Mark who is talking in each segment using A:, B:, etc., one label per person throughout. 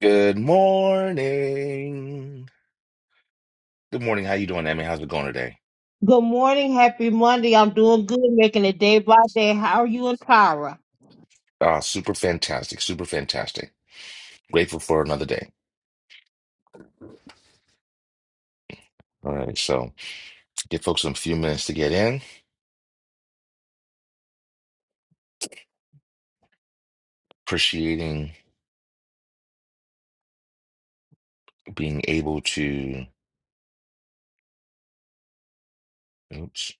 A: Good morning. Good morning. How you doing, Emmy? How's it going today?
B: Good morning, happy Monday. I'm doing good, making it day by day. How are you and Tara?
A: Ah, super fantastic. Super fantastic. Grateful for another day. All right, so give folks a few minutes to get in. Appreciating being able to, oops,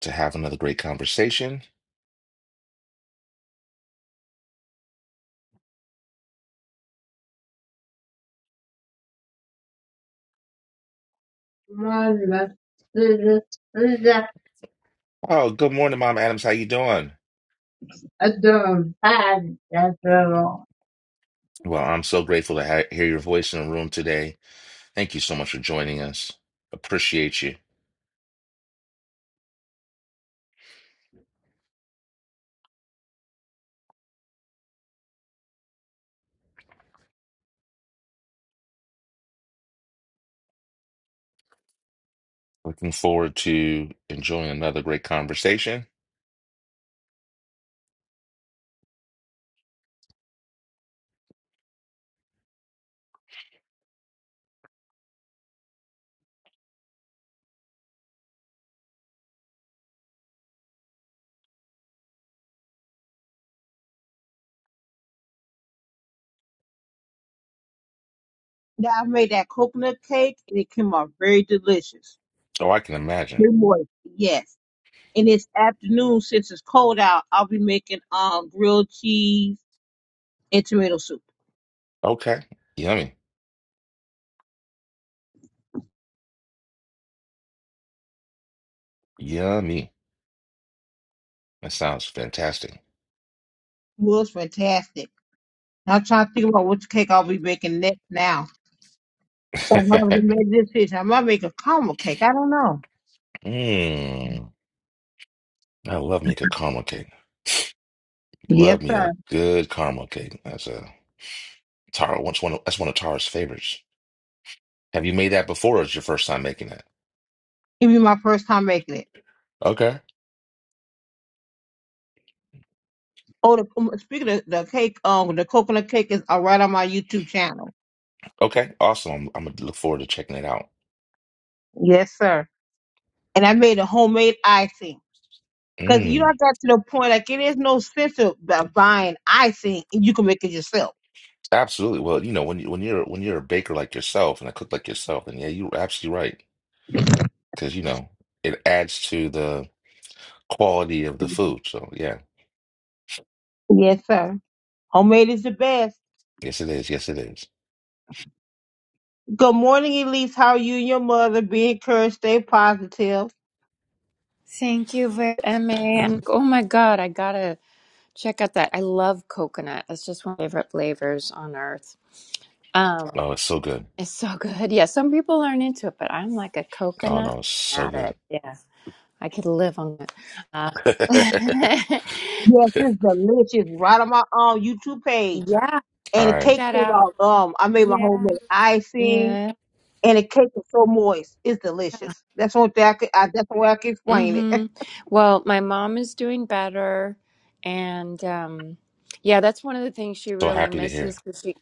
A: to have another great conversation.
B: Now
A: Oh, good morning, Mom Adams. How you doing?
B: I
A: Well, I'm so grateful to ha hear your voice in the room today. Thank you so much for joining us. Appreciate you. Looking forward to enjoying another great conversation.
B: made that coconut cake and it came out very delicious.
A: Oh, I can imagine.
B: Good morning. Yes. And this afternoon, since it's cold out, I'll be making um grilled cheese and tomato soup.
A: Okay. Yummy. Yummy. That sounds fantastic.
B: Well, it's fantastic. I'm trying to think about which cake I'll be making next now. So I am having to make a decision. I might make a caramel cake. I don't know.
A: Mmm. I love me a good caramel cake.
B: Yes,
A: Love me
B: sir.
A: a good caramel cake. That's a Tara. That's one of, that's one of Tara's favorites. Have you made that before or is your first time making it?
B: it be my first time making it.
A: Okay.
B: Oh, the, um, speaking of the cake, um, the coconut cake is uh, right on my YouTube channel.
A: Okay. Awesome. I'm, I'm gonna look forward to checking it out.
B: Yes, sir. And I made a homemade icing. Cause you know I
A: Mm,
B: got to the point like it is no sense of bu- buying icing and you can make it yourself.
A: absolutely. Well, you know, when you when you're when you're a baker like yourself and a cook like yourself, then yeah, you're absolutely right. Because you know, it adds to the quality of the food. So yeah.
B: Yes, sir. Homemade is the best.
A: Yes, it is. Yes, it is.
B: Good morning, Elise. How are you and your mother? Be encouraged. Stay positive.
C: Thank you very MA. And oh my God, I gotta check out that. I love coconut. That's just one of my favorite flavors on earth. Um,
A: Oh, it's so good.
C: it's so good. Yeah, some people aren't into it, but I'm like a
A: Oh
C: coconut
A: no, it's so good.
C: addict. Yeah, I could live on it. Uh,
B: Yes, it's delicious. Right on my um YouTube
C: yeah,
B: page.
C: check
A: All
B: And the
A: right.
B: cake
C: that
B: came
C: out.
B: out. Um, I made my
C: Yeah.
B: homemade icing.
C: Yeah.
B: and the cake is so moist. It's delicious. That's one thing I could. I, that's the way I can explain it.
C: Mm-hmm. Well, my mom is doing better, and um, yeah, that's one of the things she
A: So
C: really
A: happy to
C: misses
A: hear.
C: because she,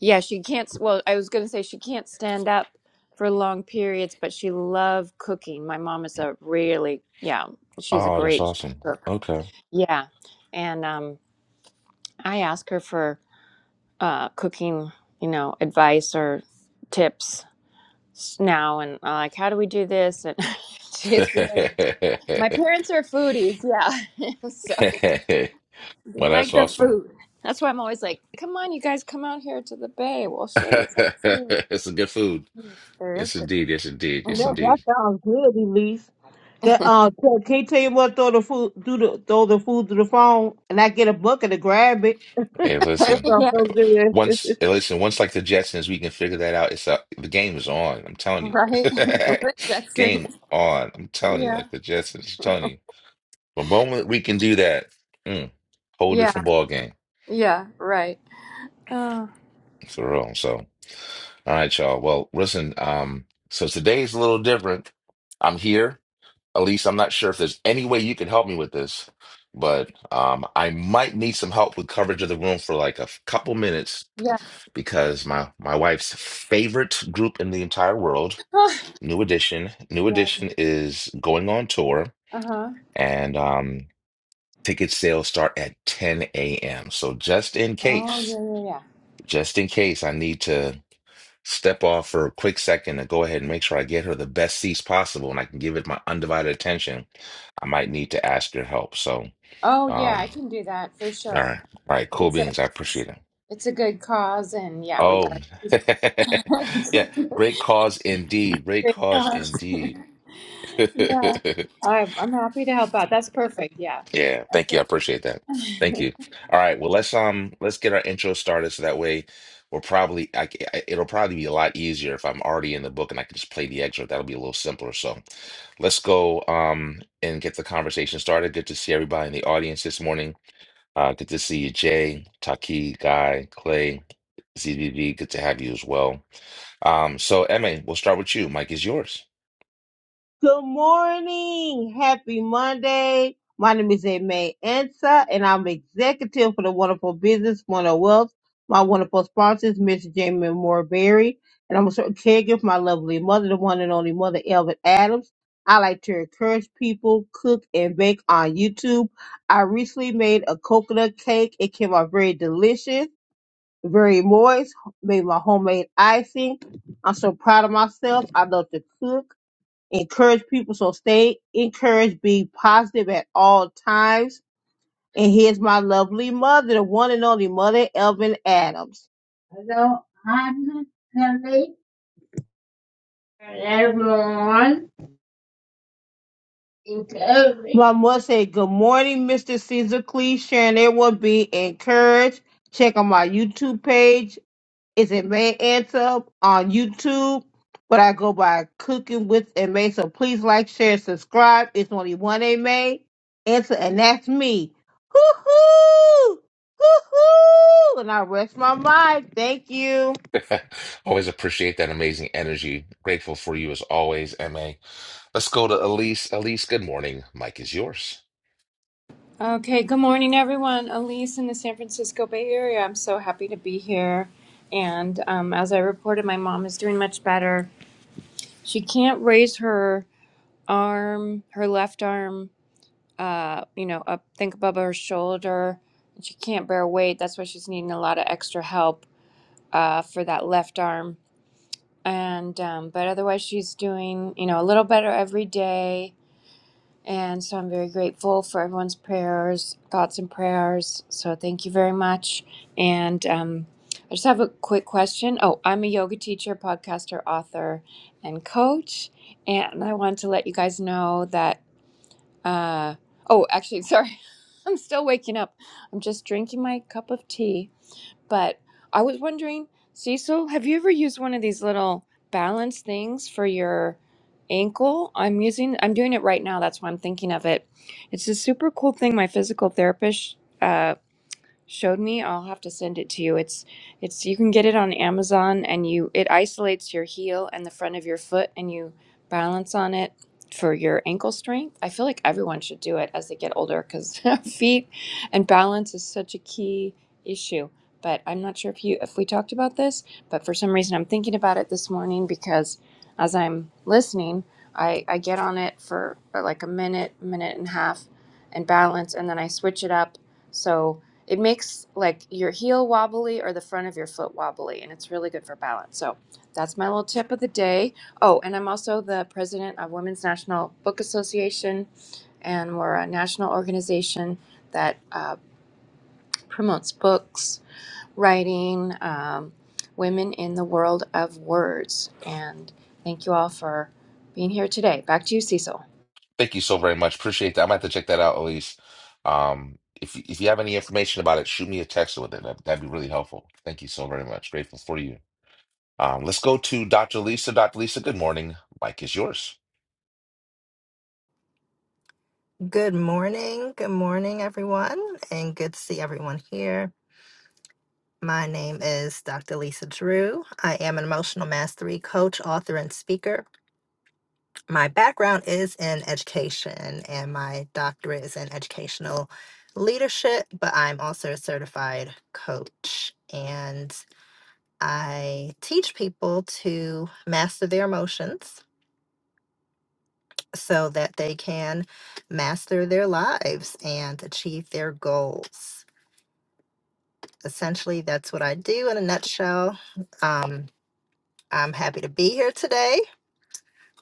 C: yeah, she can't. s- Well, I was going to say she can't stand up for long periods, but she loved cooking. My mom is a really, yeah, she's a
A: Oh, that's
C: great
A: awesome.
C: cook.
A: Okay.
C: Yeah, and um, I ask her for uh, cooking, you know, advice or tips s- now, and uh, like, how do we do this? And she's good. My parents are foodies, yeah. so they
A: Well, that's
C: like the
A: awesome.
C: food. That's why I'm always like, come on, you guys, come out here to the bay. We'll show you some food.
A: It's a good food.
C: There is
A: Yes,
C: good.
A: indeed. Yes, indeed.
B: Well,
A: Yes,
B: that,
A: indeed.
B: that sounds good, Elise. That uh, can can you tell you what? Throw the food, do the throw the food to the phone, and I get a bucket to grab it.
A: Hey,
B: That
A: listen.
B: sounds
C: yeah,
B: so good.
A: Once, hey, listen. Once, like the Jetsons, we can figure that out. It's uh, the game is on. I'm telling you.
C: right? Like Jackson.
A: Game on. I'm telling you.
C: Yeah.
A: Like the Jetsons, I'm telling you. The moment we can do that, mm, whole
C: Yeah,
A: different ball game
C: yeah, right. Oh,
A: for real. So. All right, y'all. Well, listen, um, so today's a little different. I'm here. At least I'm not sure if there's any way you can help me with this, but um, I might need some help with coverage of the room for like a f- couple minutes
C: yeah.
A: because my my wife's favorite group in the entire world, New Edition. New
C: yes.
A: Edition is going on tour,
C: Uh huh.
A: and um, ticket sales start at 10 a.m. So just in
C: Oh,
A: case,
C: yeah, yeah, yeah.
A: just in case, I need to. step off for a quick second to go ahead and make sure I get her the best seats possible and I can give it my undivided attention, I might need to ask your help. So,
C: Oh, yeah, I
A: um,
C: can do that for
A: all
C: sure.
A: right. All right. Cool
C: It's a,
A: beans. I
C: it's,
A: appreciate it.
C: it's a good cause, and yeah, we
A: Oh,
C: got
A: yeah.
C: to
A: Great cause indeed. Great
C: Great
A: cause
C: job!
A: indeed.
C: Yeah. I'm, I'm happy to help out. That's perfect. Yeah.
A: Yeah, thank you. I
C: Okay.
A: appreciate that. Thank you. All right, well let's um let's get our intro started so that way we're probably I, c- I- it'll probably be a lot easier if I'm already in the book and I can just play the excerpt. That'll be a little simpler. So let's go um and get the conversation started. Good to see everybody in the audience this morning. Uh, good to see you, Jay, Taki, Guy, Clay, ZBB. Good to have you as well. Um, so Emma, we'll start with you. Mike is yours.
B: Good morning. Happy Monday. My name is Aimee Ansa, and I'm executive for the Wonderful Business, Wonderful Wealth. My wonderful sponsors, Mr. Jamie Moore Berry, and I'm a certain caregiver for my lovely mother, the one and only mother, Elvin Adams. I like to encourage people, cook and bake on YouTube. I recently made a coconut cake. It came out very delicious, very moist, made my homemade icing. I'm so proud of myself. I love to cook encourage people. So stay encouraged, be positive at all times. And here's my lovely mother, the one and only mother, Elvin Adams. Hello, I'm Kelly. And everyone, encouraged. My mother said, Good morning, Mr. Caesar Cleese. Sharon, everyone be encouraged. Check on my YouTube page. It's in May Anthem on YouTube. But I go by Cooking with and May. So please like, share, subscribe. It's only one A May answer, and that's me. Hoo hoo, hoo hoo. And I rest my mind. Thank you.
A: Always appreciate that amazing energy. Grateful for you as always, MA. Let's go to Elise. Elise, good morning. Mike is yours.
C: Okay. Good morning, everyone. Elise in the San Francisco Bay Area. I'm so happy to be here. And um, as I reported, my mom is doing much better. She can't raise her arm, her left arm, uh, you know, up, think above her shoulder. She can't bear weight. That's why she's needing a lot of extra help uh, for that left arm. and um, but otherwise she's doing you know a little better every day and so i'm very grateful for everyone's prayers thoughts and prayers so thank you very much and um, i just have a quick question oh i'm a yoga teacher podcaster author and coach and i want to let you guys know that uh, oh actually sorry i'm still waking up i'm just drinking my cup of tea but I was wondering, Cecil, have you ever used one of these little balance things for your ankle? I'm using, I'm doing it right now. That's why I'm thinking of it. It's a super cool thing my physical therapist. uh, showed me. I'll have to send it to you. It's it's you can get it on Amazon and you it isolates your heel and the front of your foot and you balance on it for your ankle strength. I feel like everyone should do it as they get older cuz feet and balance is such a key issue. But I'm not sure if you if we talked about this, but for some reason I'm thinking about it this morning because as I'm listening, I I get on it for like a minute, minute and a half and balance and then I switch it up. So it makes like your heel wobbly or the front of your foot wobbly, and it's really good for balance. So that's my little tip of the day. Oh, and I'm also the president of Women's National Book Association, and we're a national organization that uh, promotes books, writing, um, women in the world of words. And thank you all for being here today. Back to you, Cecil.
A: Thank you so very much. Appreciate that. I'm have to check that out, Elise. Um, if you- if you have any information about it, shoot me a text with it. That'd, that'd be really helpful. Thank you so very much. Grateful for you. Um, let's go to Dr. Lisa. Dr. Lisa, good morning. Mike is yours.
D: Good morning. Good morning, everyone, and good to see everyone here. My name is Dr. Lisa Drew. I am an emotional mastery coach, author, and speaker. My background is in education, and my doctorate is in educational leadership, but I'm also a certified coach. And I teach people to master their emotions so that they can master their lives and achieve their goals. essentially, that's what I do in a nutshell. Um, I'm happy to be here today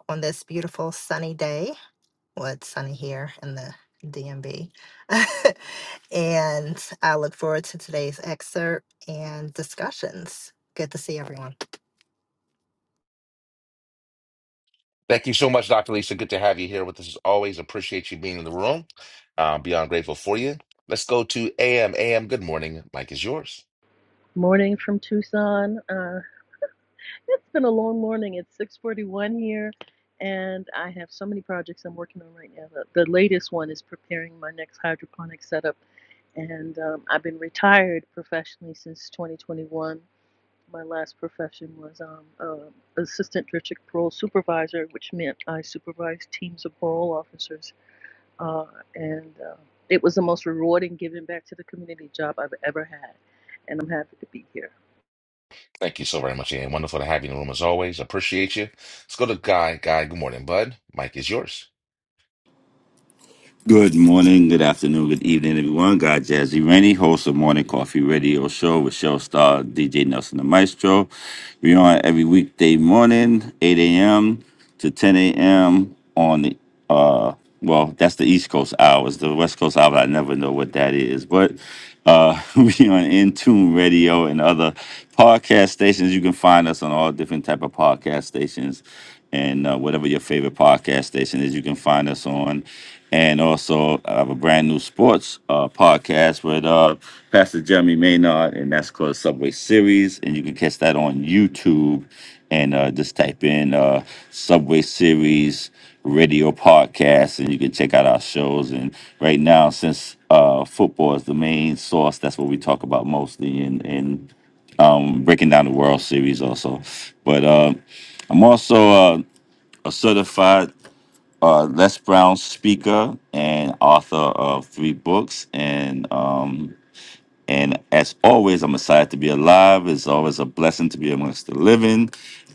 D: on this beautiful sunny day. Well, it's sunny here in the DMV. and I look forward to today's excerpt and discussions. Good to see everyone.
A: Thank you so much, Dr. Lisa. Good to have you here with us as always. Appreciate you being in the room. Um, beyond grateful for you. Let's go to AM. AM, good morning. Mike is yours.
E: morning from Tucson. Uh, it's been a long morning. It's 6:41 here, and I have so many projects I'm working on right now. The, the latest one is preparing my next hydroponic setup, and um, I've been retired professionally since 2021. My last profession was um, uh, assistant district parole supervisor, which meant I supervised teams of parole officers, uh, and uh, it was the most rewarding giving back to the community job I've ever had, and I'm happy to be here.
A: Thank you so very much, Ian. Wonderful to have you in the room as always. Appreciate you. Let's go to Guy. Guy, good morning, bud. Mike is yours.
F: Good morning, good afternoon, good evening, everyone. God Jazzy Rainey, host of Morning Coffee Radio Show with show star DJ Nelson the Maestro. We're on every weekday morning, 8 a.m. to 10 a.m. on the, uh, well, that's the East Coast hours. The West Coast hours, I never know what that is. But uh, we on Intune Radio and other podcast stations. You can find us on all different type of podcast stations and uh, whatever your favorite podcast station is, you can find us on. And also, I have a brand new sports uh, podcast with uh, Pastor Jeremy Maynard, and that's called Subway Series. And you can catch that on YouTube and uh, just type in uh, Subway Series Radio Podcast, and you can check out our shows. And right now, since uh, football is the main source, that's what we talk about mostly, and and um, breaking down the World Series also. But uh, I'm also uh, a certified uh, Les Brown speaker and author of three books. And um, and as always, I'm excited to be alive. It's always a blessing to be amongst the living.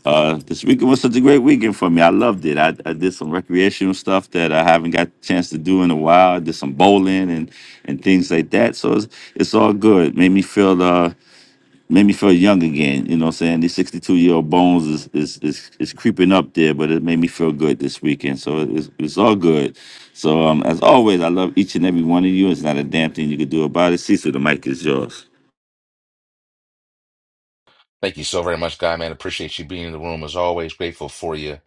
F: Uh, this weekend was such a great weekend for me. I loved it. I, I did some recreational stuff that I haven't got a chance to do in a while. I did some bowling and, and things like that. So it's, it's all good. made me feel uh, made me feel young again. You know what I'm saying? These 62 year old bones is, is is is creeping up there, but it made me feel good this weekend. So it's, it's all good. So um, as always, I love each and every one of you. It's not a damn thing you could do about it. Cecil, the mic is yours.
A: Thank you so very much, Guy, man. Appreciate you being in the room as always. Grateful for you.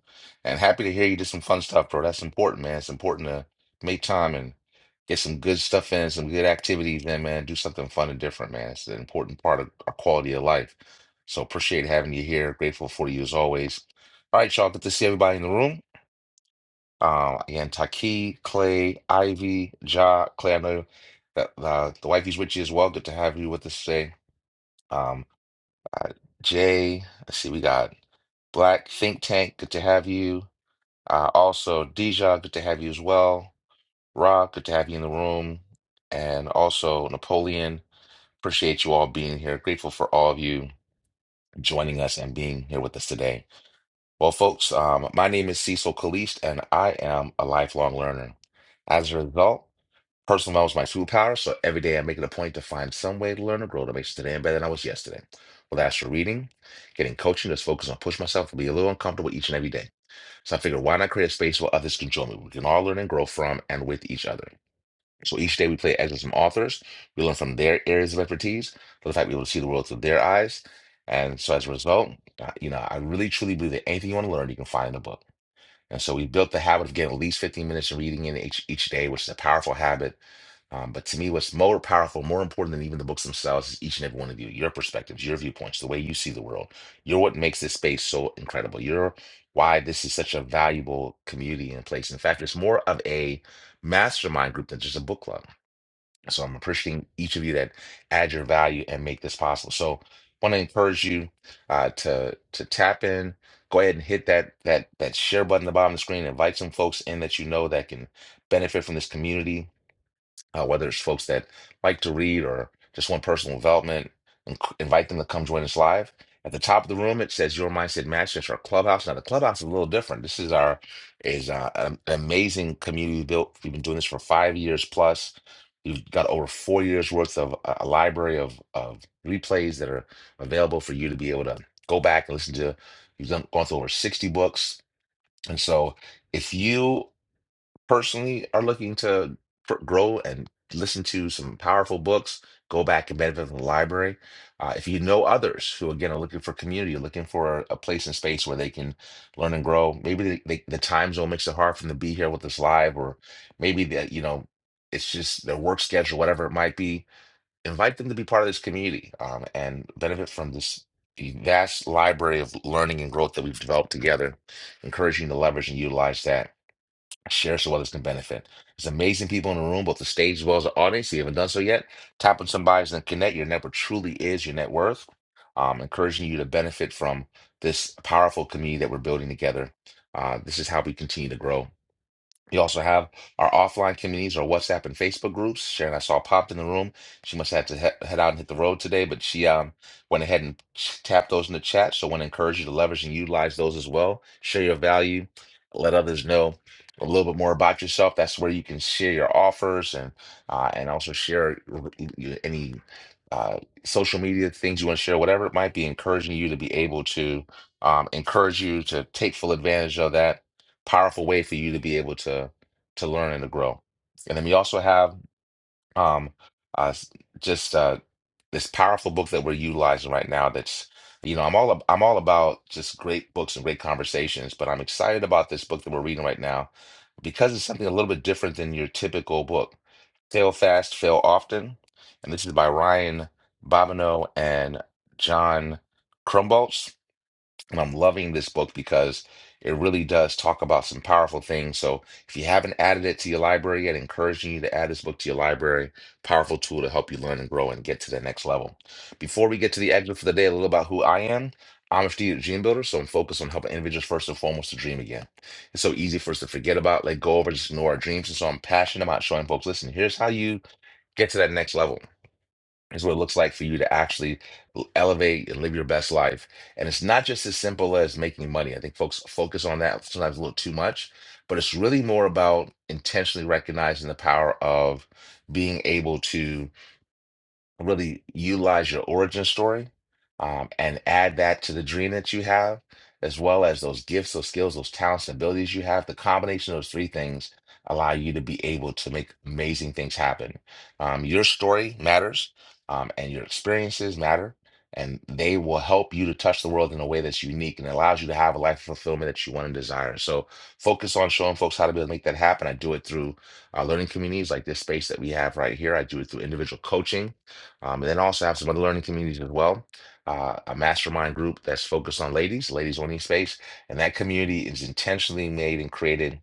A: And happy to hear you did some fun stuff, bro. That's important, man. It's important to make time and get some good stuff in, some good activities in, man. Do something fun and different, man. It's an important part of our quality of life. So appreciate having you here. Grateful for you as always. All right, y'all. Good to see everybody in the room. Um, again, Taki, Clay, Ivy, Ja, Clay. I know that uh, the wifey's with you as well. Good to have you with us today. Um, uh, Jay, let's see, we got Black Think Tank. Good to have you. Uh, also, Deja, good to have you as well. Rock, good to have you in the room. And also, Napoleon, appreciate you all being here. Grateful for all of you joining us and being here with us today. Well, folks, um, my name is Cecil Kalist, and I am a lifelong learner. As a result, Personal development is my superpower, so every day I make it a point to find some way to learn or grow to make today better than I was yesterday. Whether that's for reading, getting coaching, just focus on push myself to be a little uncomfortable each and every day. So I figured, why not create a space where others can join me? We can all learn and grow from and with each other. So each day we play excerpts from authors. We learn from their areas of expertise, for the fact we able to see the world through their eyes. And so as a result, uh, you know, I really truly believe that anything you want to learn, you can find in a book. And so we built the habit of getting at least 15 minutes of reading in each, each day, which is a powerful habit. Um, but to me, what's more powerful, more important than even the books themselves is each and every one of you, your perspectives, your viewpoints, the way you see the world. You're what makes this space so incredible. You're why this is such a valuable community and place. In fact, it's more of a mastermind group than just a book club. So I'm appreciating each of you that add your value and make this possible. So want to encourage you uh, to to tap in. Go ahead and hit that that that share button at the bottom of the screen. Invite some folks in that you know that can benefit from this community uh, whether it's folks that like to read or just want personal development, and invite them to come join us live. At the top of the room, it says Your Mindset Match. That's our clubhouse. Now, the clubhouse is a little different. This is our is uh, an amazing community we built. We've been doing this for five years plus. We've got over four years worth of a a library of of replays that are available for you to be able to go back and listen to. We've done, gone through over sixty books, and so if you personally are looking to pr- grow and listen to some powerful books, go back and benefit from the library. Uh, if you know others who, again, are looking for community, looking for a, a place and space where they can learn and grow, maybe they, they, the time zone makes it hard for them to be here with us live, or maybe that, you know, it's just their work schedule, whatever it might be. Invite them to be part of this community um, and benefit from this vast library of learning and growth that we've developed together. Encouraging to leverage and utilize that Share so others can benefit. There's amazing people in the room, both the stage as well as the audience. If you haven't done so yet, tap on some bios and connect. Your network truly is your net worth. Um, encouraging you to benefit from this powerful community that we're building together. Uh, this is how we continue to grow. You also have our offline communities, our WhatsApp and Facebook groups. Sharon, I saw popped in the room. She must have to he head out and hit the road today, but she um went ahead and ch- tapped those in the chat. So I want to encourage you to leverage and utilize those as well. Share your value, let others know a little bit more about yourself. That's where you can share your offers and uh, and also share r- y- any uh, social media things you want to share, whatever it might be, encouraging you to be able to um, encourage you to take full advantage of that powerful way for you to be able to to learn and to grow. And then we also have um uh s- just uh this powerful book that we're utilizing right now that's you know I'm all ab- I'm all about just great books and great conversations, but I'm excited about this book that we're reading right now because it's something a little bit different than your typical book. Fail Fast, Fail Often. And this is by Ryan Bobineau and John Krumbolz. And I'm loving this book because it really does talk about some powerful things. So if you haven't added it to your library yet, encouraging you to add this book to your library. Powerful tool to help you learn and grow and get to the next level. Before we get to the exit for the day, a little about who I am. I'm a strategic dream builder, so I'm focused on helping individuals first and foremost to dream again. It's so easy for us to forget about, let go of, or just ignore our dreams. And so I'm passionate about showing folks, listen, here's how you get to that next level is what it looks like for you to actually l- elevate and live your best life. And it's not just as simple as making money. I think folks focus on that sometimes a little too much, but it's really more about intentionally recognizing the power of being able to really utilize your origin story um, and add that to the dream that you have, as well as those gifts, those skills, those talents, and abilities you have. The combination of those three things allow you to be able to make amazing things happen. Um, your story matters, um, and your experiences matter, and they will help you to touch the world in a way that's unique and allows you to have a life of fulfillment that you want and desire. So focus on showing folks how to be able to make that happen. I do it through uh, learning communities like this space that we have right here. I do it through individual coaching um, and then also have some other learning communities as well. Uh, a mastermind group that's focused on ladies, ladies only space, and that community is intentionally made and created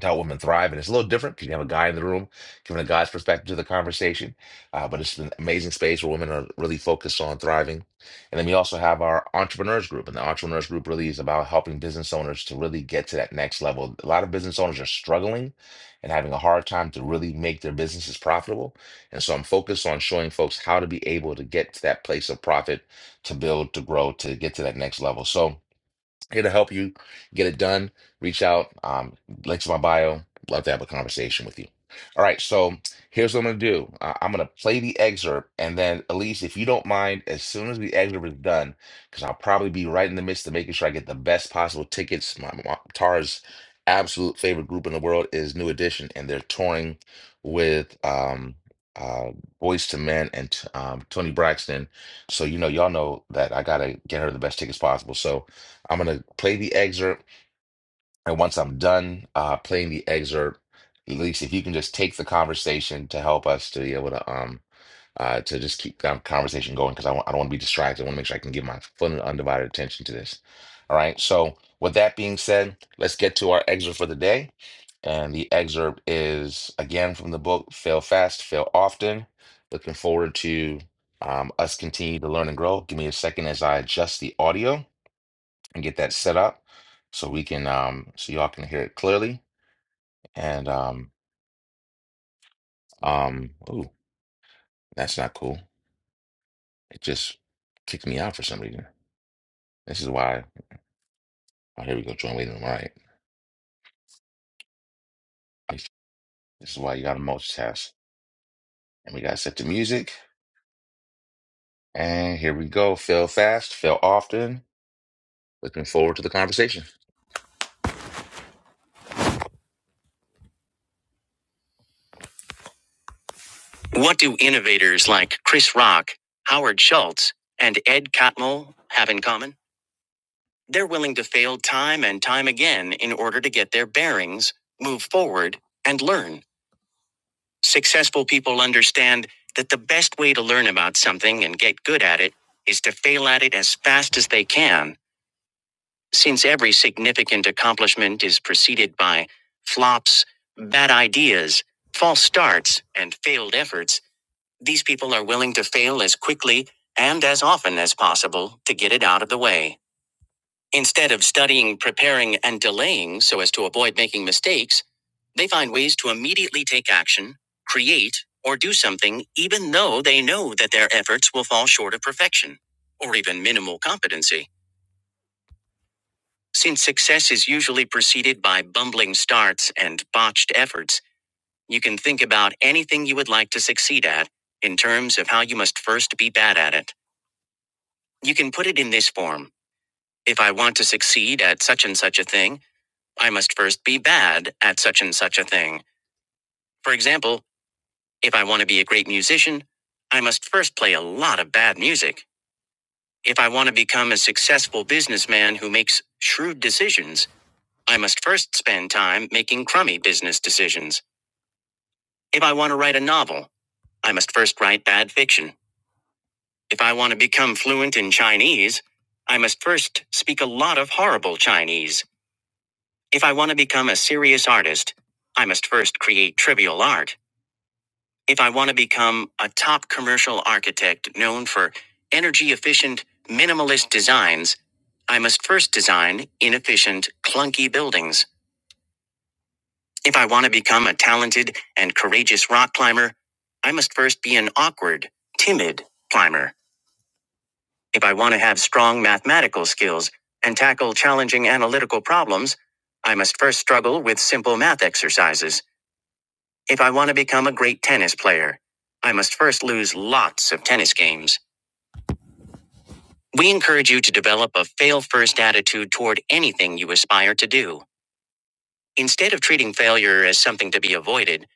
A: to help women thrive. And it's a little different because you have a guy in the room giving a guy's perspective to the conversation. Uh, but it's an amazing space where women are really focused on thriving. And then we also have our entrepreneurs group. And the entrepreneurs group really is about helping business owners to really get to that next level. A lot of business owners are struggling and having a hard time to really make their businesses profitable. And so I'm focused on showing folks how to be able to get to that place of profit, to build, to grow, to get to that next level. So, here to help you get it done. Reach out. Um, links in my bio. Love to have a conversation with you. All right, so here's what I'm gonna do. Uh, I'm gonna play the excerpt, and then Elise, if you don't mind, as soon as the excerpt is done, because I'll probably be right in the midst of making sure I get the best possible tickets. My, my Tara's absolute favorite group in the world is New Edition, and they're touring with um uh Boys to Men and um Tony Braxton. So you know, y'all know that I gotta get her the best tickets possible. So I'm going to play the excerpt. And once I'm done uh, playing the excerpt, at least if you can just take the conversation to help us to be able to um uh, to just keep the conversation going because I want I don't want to be distracted. I want to make sure I can give my full and undivided attention to this. All right. So with that being said, let's get to our excerpt for the day. And the excerpt is again from the book Fail Fast, Fail Often. Looking forward to um, us continue to learn and grow. Give me a second as I adjust the audio and get that set up so we can um so y'all can hear it clearly. And um um oh that's not cool. It just kicked me out for some reason. This is why oh here we go, join waiting room. All right. This is why you gotta multitask. And we gotta set the music. And here we go. Fail fast, fail often. Looking forward to the conversation. What do innovators like Chris Rock, Howard Schultz, and Ed Catmull have in common? They're willing to fail time and time again in order to get their bearings, move forward, and learn. Successful people understand that the best way to learn about something and get good at it is to fail at it as fast as they can, since every significant accomplishment is preceded by flops, bad ideas, false starts, and failed efforts. These people are willing to fail as quickly and as often as possible to get it out of the way. Instead of studying, preparing, and delaying so as to avoid making mistakes, they find ways to immediately take action, create, or do something even though they know that their efforts will fall short of perfection, or even minimal competency. Since success is usually preceded by bumbling starts and botched efforts, you can think about anything you would like to succeed at in terms of how you must first be bad at it. You can put it in this form If I want to succeed at such and such a thing, I must first be bad at such and such a thing. For example, if I want to be a great musician, I must first play a lot of bad music. If I want to become a successful businessman who makes shrewd decisions, I must first spend time making crummy business decisions. If I want to write a novel, I must first write bad fiction. If I want to become fluent in Chinese, I must first speak a lot of horrible Chinese. If I want to become a serious artist, I must first create trivial art. If I want to become a top commercial architect known for energy efficient, minimalist designs, I must first design inefficient, clunky buildings. If I want to become a talented and courageous rock climber, I must first be an awkward, timid climber. If I want to have strong mathematical skills and tackle challenging analytical problems, I must first struggle with simple math exercises. If I want to become a great tennis player, I must first lose lots of tennis games. We encourage you to develop a fail first attitude toward anything you aspire to do. Instead of treating failure as something to be avoided,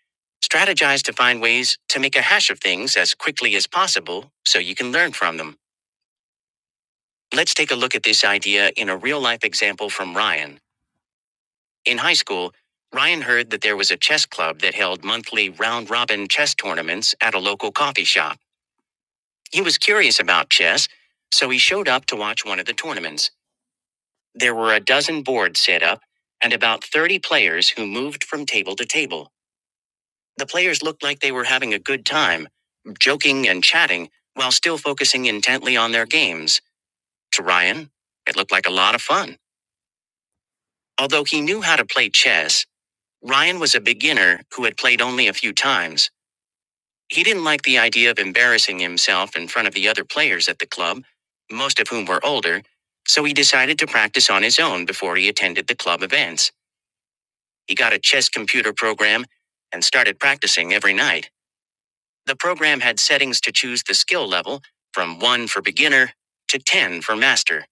A: strategize to find ways to make a hash of things as quickly as possible so you can learn from them. Let's take a look at this idea in a real life example from Ryan. In high school, Ryan heard that there was a chess club that held monthly round robin chess tournaments at a local coffee shop. He was curious about chess, so he showed up to watch one of the tournaments. There were a dozen boards set up, and about 30 players who moved from table to table. The players looked like they were having a good time, joking and chatting, while still focusing intently on their games. To Ryan, it looked like a lot of fun. Although he knew how to play chess, Ryan was a beginner who had played only a few times. He didn't like the idea of embarrassing himself in front of the other players at the club, most of whom were older, so he decided to practice on his own before he attended the club events. He got a chess computer program and started practicing every night. The program had settings to choose the skill level from 1 for beginner to 10 for master.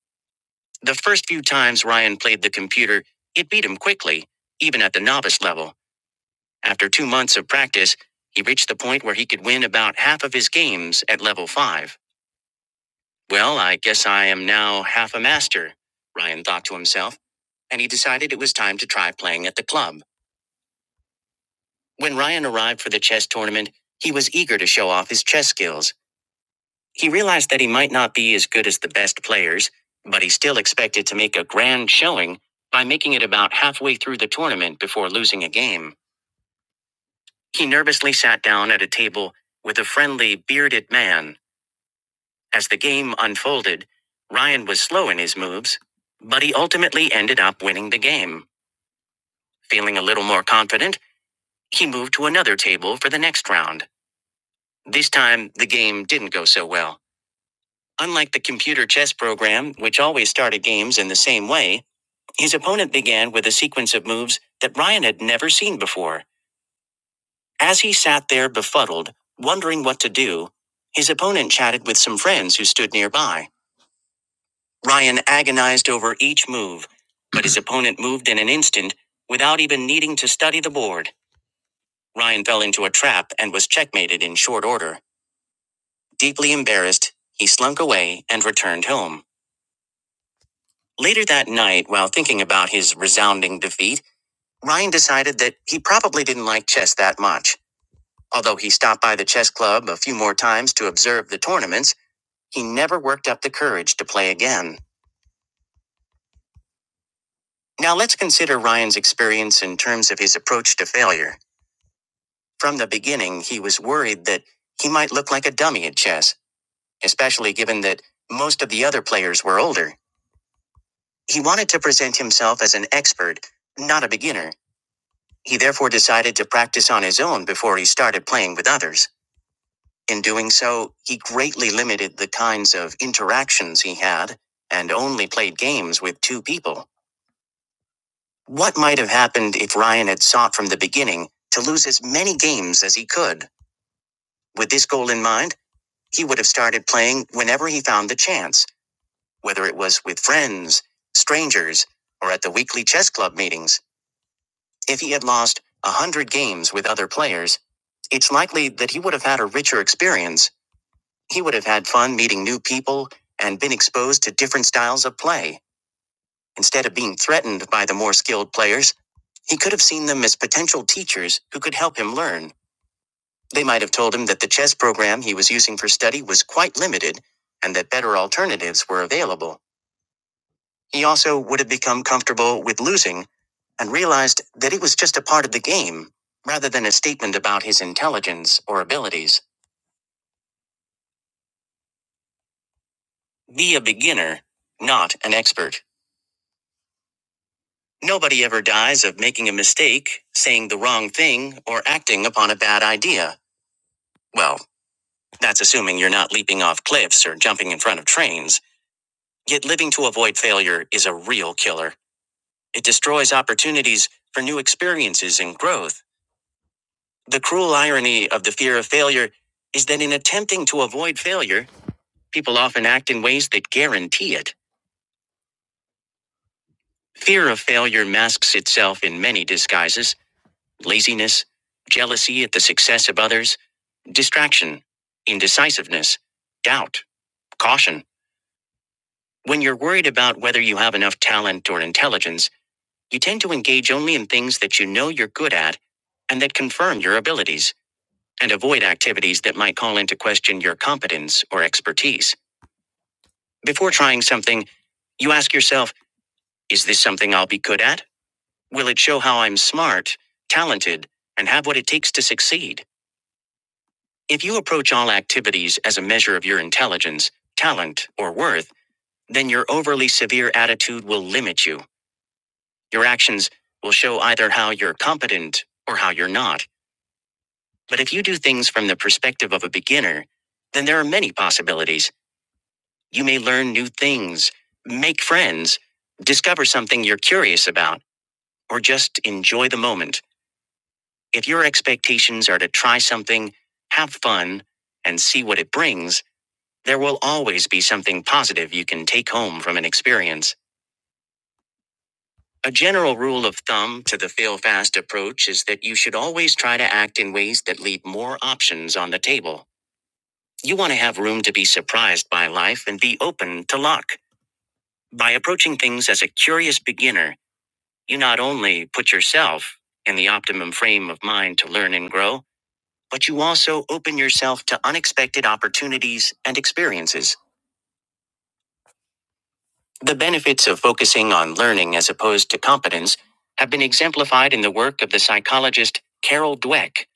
A: The first few times Ryan played the computer, it beat him quickly, even at the novice level. After two months of practice, he reached the point where he could win about half of his games at level 5. Well, I guess I am now half a master, Ryan thought to himself, and he decided it was time to try playing at the club. When Ryan arrived for the chess tournament, he was eager to show off his chess skills. He realized that he might not be as good as the best players, but he still expected to make a grand showing by making it about halfway through the tournament before losing a game. He nervously sat down at a table with a friendly, bearded man. As the game unfolded, Ryan was slow in his moves, but he ultimately ended up winning the game. Feeling a little more confident, he moved to another table for the next round. This time, the game didn't go so well. Unlike the computer chess program, which always started games in the same way, his opponent began with a sequence of moves that Ryan had never seen before. As he sat there befuddled, wondering what to do, his opponent chatted with some friends who stood nearby. Ryan agonized over each move, but his opponent moved in an instant without even needing to study the board. Ryan fell into a trap and was checkmated in short order. Deeply embarrassed, he slunk away and returned home. Later that night, while thinking about his resounding defeat, Ryan decided that he probably didn't like chess that much. Although he stopped by the chess club a few more times to observe the tournaments, he never worked up the courage to play again. Now let's consider Ryan's experience in terms of his approach to failure. From the beginning, he was worried that he might look like a dummy at chess, especially given that most of the other players were older. He wanted to present himself as an expert, not a beginner He therefore decided to practice on his own before he started playing with others. In doing so, he greatly limited the kinds of interactions he had and only played games with two people. What might have happened if Ryan had sought from the beginning to lose as many games as he could? With this goal in mind, he would have started playing whenever he found the chance, whether it was with friends, strangers, or at the weekly chess club meetings. If he had lost a hundred games with other players, It's likely that he would have had a richer experience. He would have had fun meeting new people and been exposed to different styles of play. Instead of being threatened by the more skilled players, he could have seen them as potential teachers who could help him learn. They might have told him that the chess program he was using for study was quite limited and that better alternatives were available. He also would have become comfortable with losing and realized that it was just a part of the game rather than a statement about his intelligence or abilities. Be a beginner, not an expert. Nobody ever dies of making a mistake, saying the wrong thing, or acting upon a bad idea. Well, that's assuming you're not leaping off cliffs or jumping in front of trains. Yet living to avoid failure is a real killer. It destroys opportunities for new experiences and growth. The cruel irony of the fear of failure is that in attempting to avoid failure, people often act in ways that guarantee it. Fear of failure masks itself in many disguises laziness, jealousy at the success of others, distraction, indecisiveness, doubt, caution. When you're worried about whether you have enough talent or intelligence, you tend to engage only in things that you know you're good at and that confirm your abilities, and avoid activities that might call into question your competence or expertise. Before trying something, you ask yourself, is this something I'll be good at? Will it show how I'm smart, talented, and have what it takes to succeed? If you approach all activities as a measure of your intelligence, talent, or worth, then your overly severe attitude will limit you. Your actions will show either how you're competent or how you're not. But if you do things from the perspective of a beginner, then there are many possibilities. You may learn new things, make friends, discover something you're curious about, or just enjoy the moment. If your expectations are to try something, have fun, and see what it brings, There will always be something positive you can take home from an experience. A general rule of thumb to the fail fast approach is that you should always try to act in ways that leave more options on the table. You want to have room to be surprised by life and be open to luck. By approaching things as a curious beginner, you not only put yourself in the optimum frame of mind to learn and grow, but you also open yourself to unexpected opportunities and experiences. The benefits of focusing on learning as opposed to competence have been exemplified in the work of the psychologist Carol Dweck.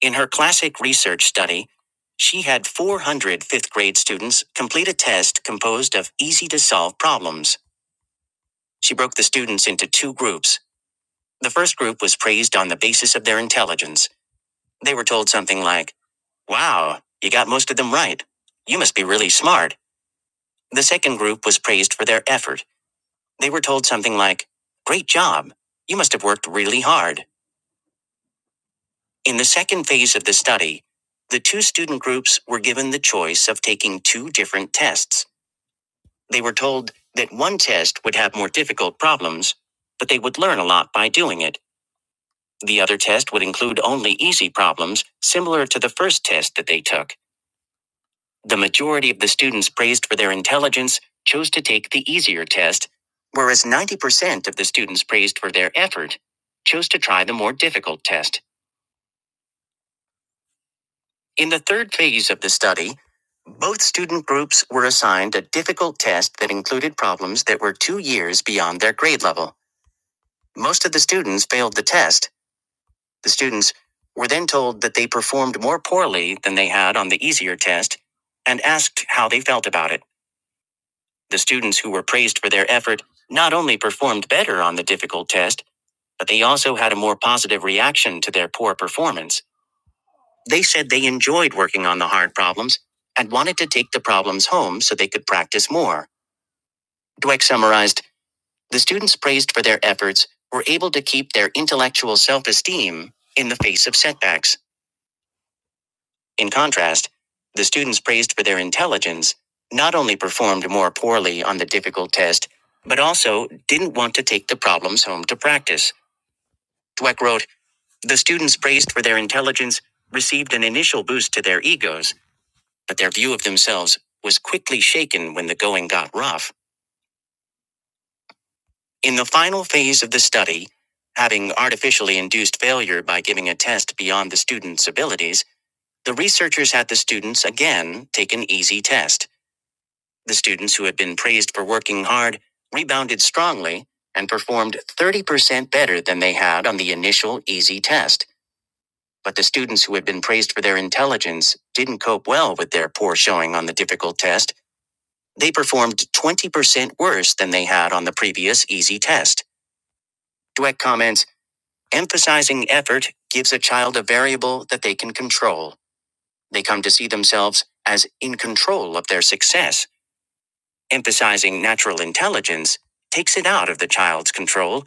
A: In her classic research study, she had 400 fifth grade students complete a test composed of easy to solve problems. She broke the students into two groups. The first group was praised on the basis of their intelligence. They were told something like, Wow, you got most of them right. You must be really smart. The second group was praised for their effort. They were told something like, Great job. You must have worked really hard. In the second phase of the study, the two student groups were given the choice of taking two different tests. They were told that one test would have more difficult problems, but they would learn a lot by doing it. The other test would include only easy problems, similar to the first test that they took. The majority of the students praised for their intelligence chose to take the easier test, whereas 90% of the students praised for their effort chose to try the more difficult test. In the third phase of the study, both student groups were assigned a difficult test that included problems that were two years beyond their grade level. Most of the students failed the test. The students were then told that they performed more poorly than they had on the easier test and asked how they felt about it. The students who were praised for their effort not only performed better on the difficult test, but they also had a more positive reaction to their poor performance. They said they enjoyed working on the hard problems and wanted to take the problems home so they could practice more. Dweck summarized the students praised for their efforts were able to keep their intellectual self esteem in the face of setbacks. In contrast, the students praised for their intelligence not only performed more poorly on the difficult test, but also didn't want to take the problems home to practice. Dweck wrote, The students praised for their intelligence received an initial boost to their egos, but their view of themselves was quickly shaken when the going got rough. In the final phase of the study, having artificially induced failure by giving a test beyond the student's abilities, the researchers had the students again take an easy test. The students who had been praised for working hard rebounded strongly and performed 30% better than they had on the initial easy test. But the students who had been praised for their intelligence didn't cope well with their poor showing on the difficult test. They performed 20% worse than they had on the previous easy test. Dweck comments emphasizing effort gives a child a variable that they can control. They come to see themselves as in control of their success. emphasizing natural intelligence, takes it out of the child's control,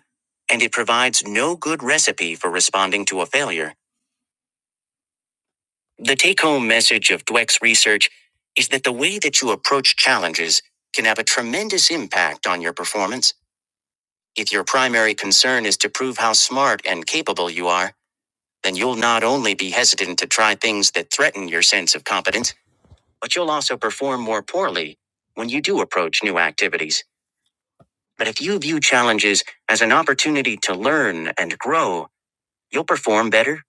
A: and it provides no good recipe for responding to a failure. The take home message of Dweck's research is that the way that you approach challenges can have a tremendous impact on your performance. If your primary concern is to prove how smart and capable you are, then you'll not only be hesitant to try things that threaten your sense of competence, but you'll also perform more poorly when you do approach new activities. But if you view challenges as an opportunity to learn and grow, you'll perform better,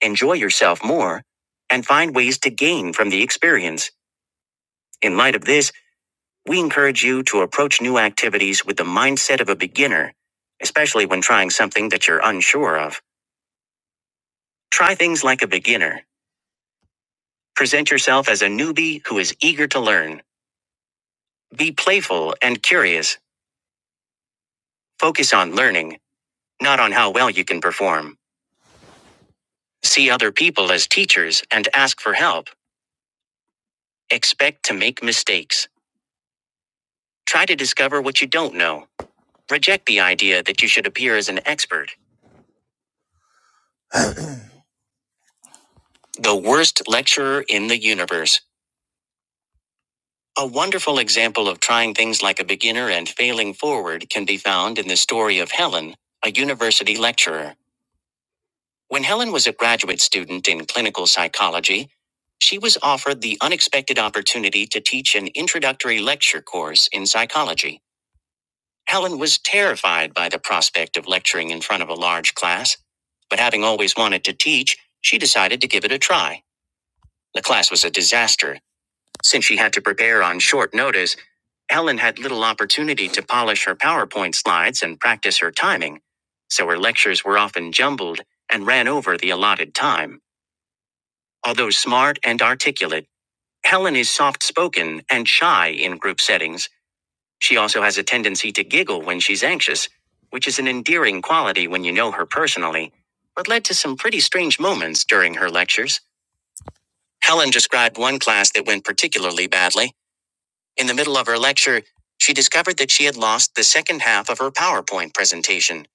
A: enjoy yourself more, and find ways to gain from the experience. In light of this, we encourage you to approach new activities with the mindset of a beginner, especially when trying something that you're unsure of. Try things like a beginner. Present yourself as a newbie who is eager to learn. Be playful and curious. Focus on learning, not on how well you can perform. See other people as teachers and ask for help. Expect to make mistakes. Try to discover what you don't know. Reject the idea that you should appear as an expert. The worst lecturer in the universe. A wonderful example of trying things like a beginner and failing forward can be found in the story of Helen, a university lecturer. When Helen was a graduate student in clinical psychology, she was offered the unexpected opportunity to teach an introductory lecture course in psychology. Helen was terrified by the prospect of lecturing in front of a large class, but having always wanted to teach, she decided to give it a try. The class was a disaster. Since she had to prepare on short notice, Helen had little opportunity to polish her PowerPoint slides and practice her timing, so her lectures were often jumbled and ran over the allotted time. Although smart and articulate, Helen is soft spoken and shy in group settings. She also has a tendency to giggle when she's anxious, which is an endearing quality when you know her personally, but led to some pretty strange moments during her lectures. Helen described one class that went particularly badly. In the middle of her lecture, she discovered that she had lost the second half of her PowerPoint presentation,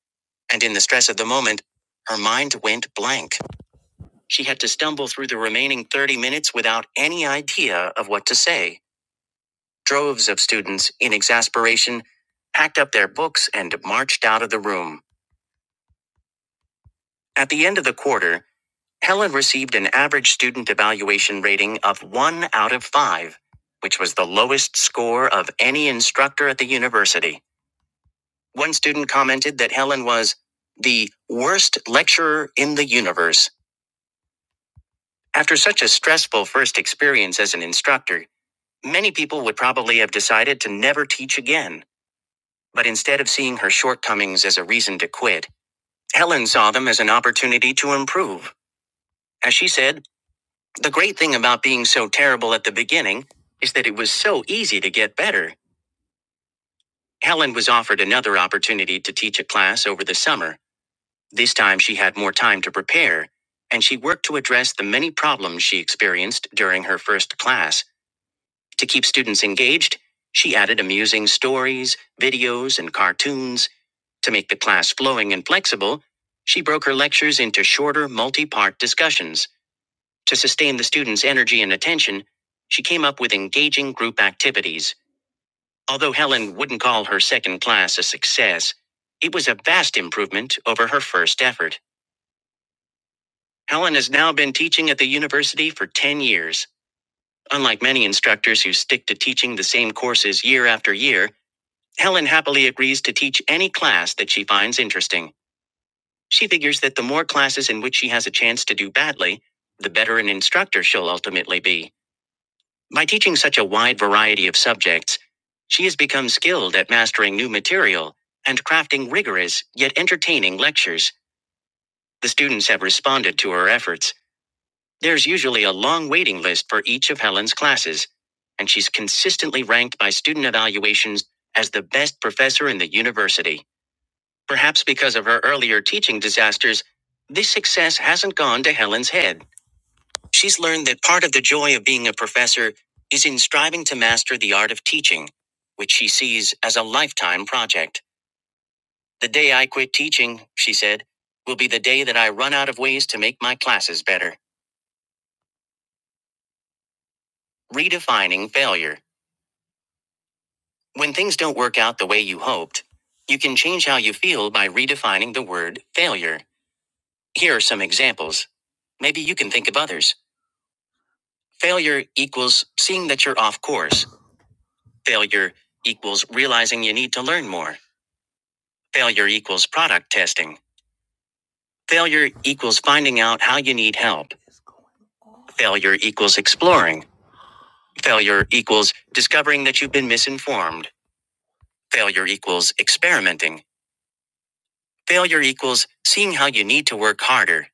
A: and in the stress of the moment, her mind went blank. She had to stumble through the remaining 30 minutes without any idea of what to say. Droves of students, in exasperation, packed up their books and marched out of the room. At the end of the quarter, Helen received an average student evaluation rating of 1 out of 5, which was the lowest score of any instructor at the university. One student commented that Helen was the worst lecturer in the universe. After such a stressful first experience as an instructor, many people would probably have decided to never teach again. But instead of seeing her shortcomings as a reason to quit, Helen saw them as an opportunity to improve. As she said, the great thing about being so terrible at the beginning is that it was so easy to get better. Helen was offered another opportunity to teach a class over the summer. This time she had more time to prepare, and she worked to address the many problems she experienced during her first class. To keep students engaged, she added amusing stories, videos, and cartoons. To make the class flowing and flexible, she broke her lectures into shorter, multi part discussions. To sustain the students' energy and attention, she came up with engaging group activities. Although Helen wouldn't call her second class a success, it was a vast improvement over her first effort. Helen has now been teaching at the university for 10 years. Unlike many instructors who stick to teaching the same courses year after year, Helen happily agrees to teach any class that she finds interesting. She figures that the more classes in which she has a chance to do badly, the better an instructor she'll ultimately be. By teaching such a wide variety of subjects, she has become skilled at mastering new material and crafting rigorous yet entertaining lectures. The students have responded to her efforts. There's usually a long waiting list for each of Helen's classes, and she's consistently ranked by student evaluations as the best professor in the university. Perhaps because of her earlier teaching disasters, this success hasn't gone to Helen's head. She's learned that part of the joy of being a professor is in striving to master the art of teaching, which she sees as a lifetime project. The day I quit teaching, she said, will be the day that I run out of ways to make my classes better. Redefining failure. When things don't work out the way you hoped, you can change how you feel by redefining the word failure. Here are some examples. Maybe you can think of others. Failure equals seeing that you're off course. Failure equals realizing you need to learn more. Failure equals product testing. Failure equals finding out how you need help. Failure equals exploring. Failure equals discovering that you've been misinformed. Failure equals experimenting. Failure equals seeing how you need to work harder.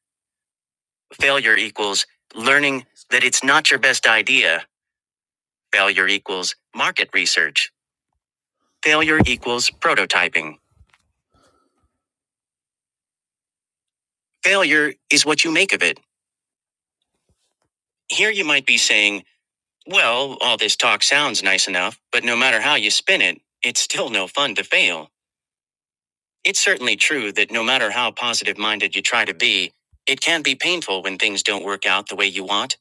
A: Failure equals learning that it's not your best idea. Failure equals market research. Failure equals prototyping. Failure is what you make of it. Here you might be saying, well, all this talk sounds nice enough, but no matter how you spin it, it's still no fun to fail. It's certainly true that no matter how positive minded you try to be, it can be painful when things don't work out the way you want.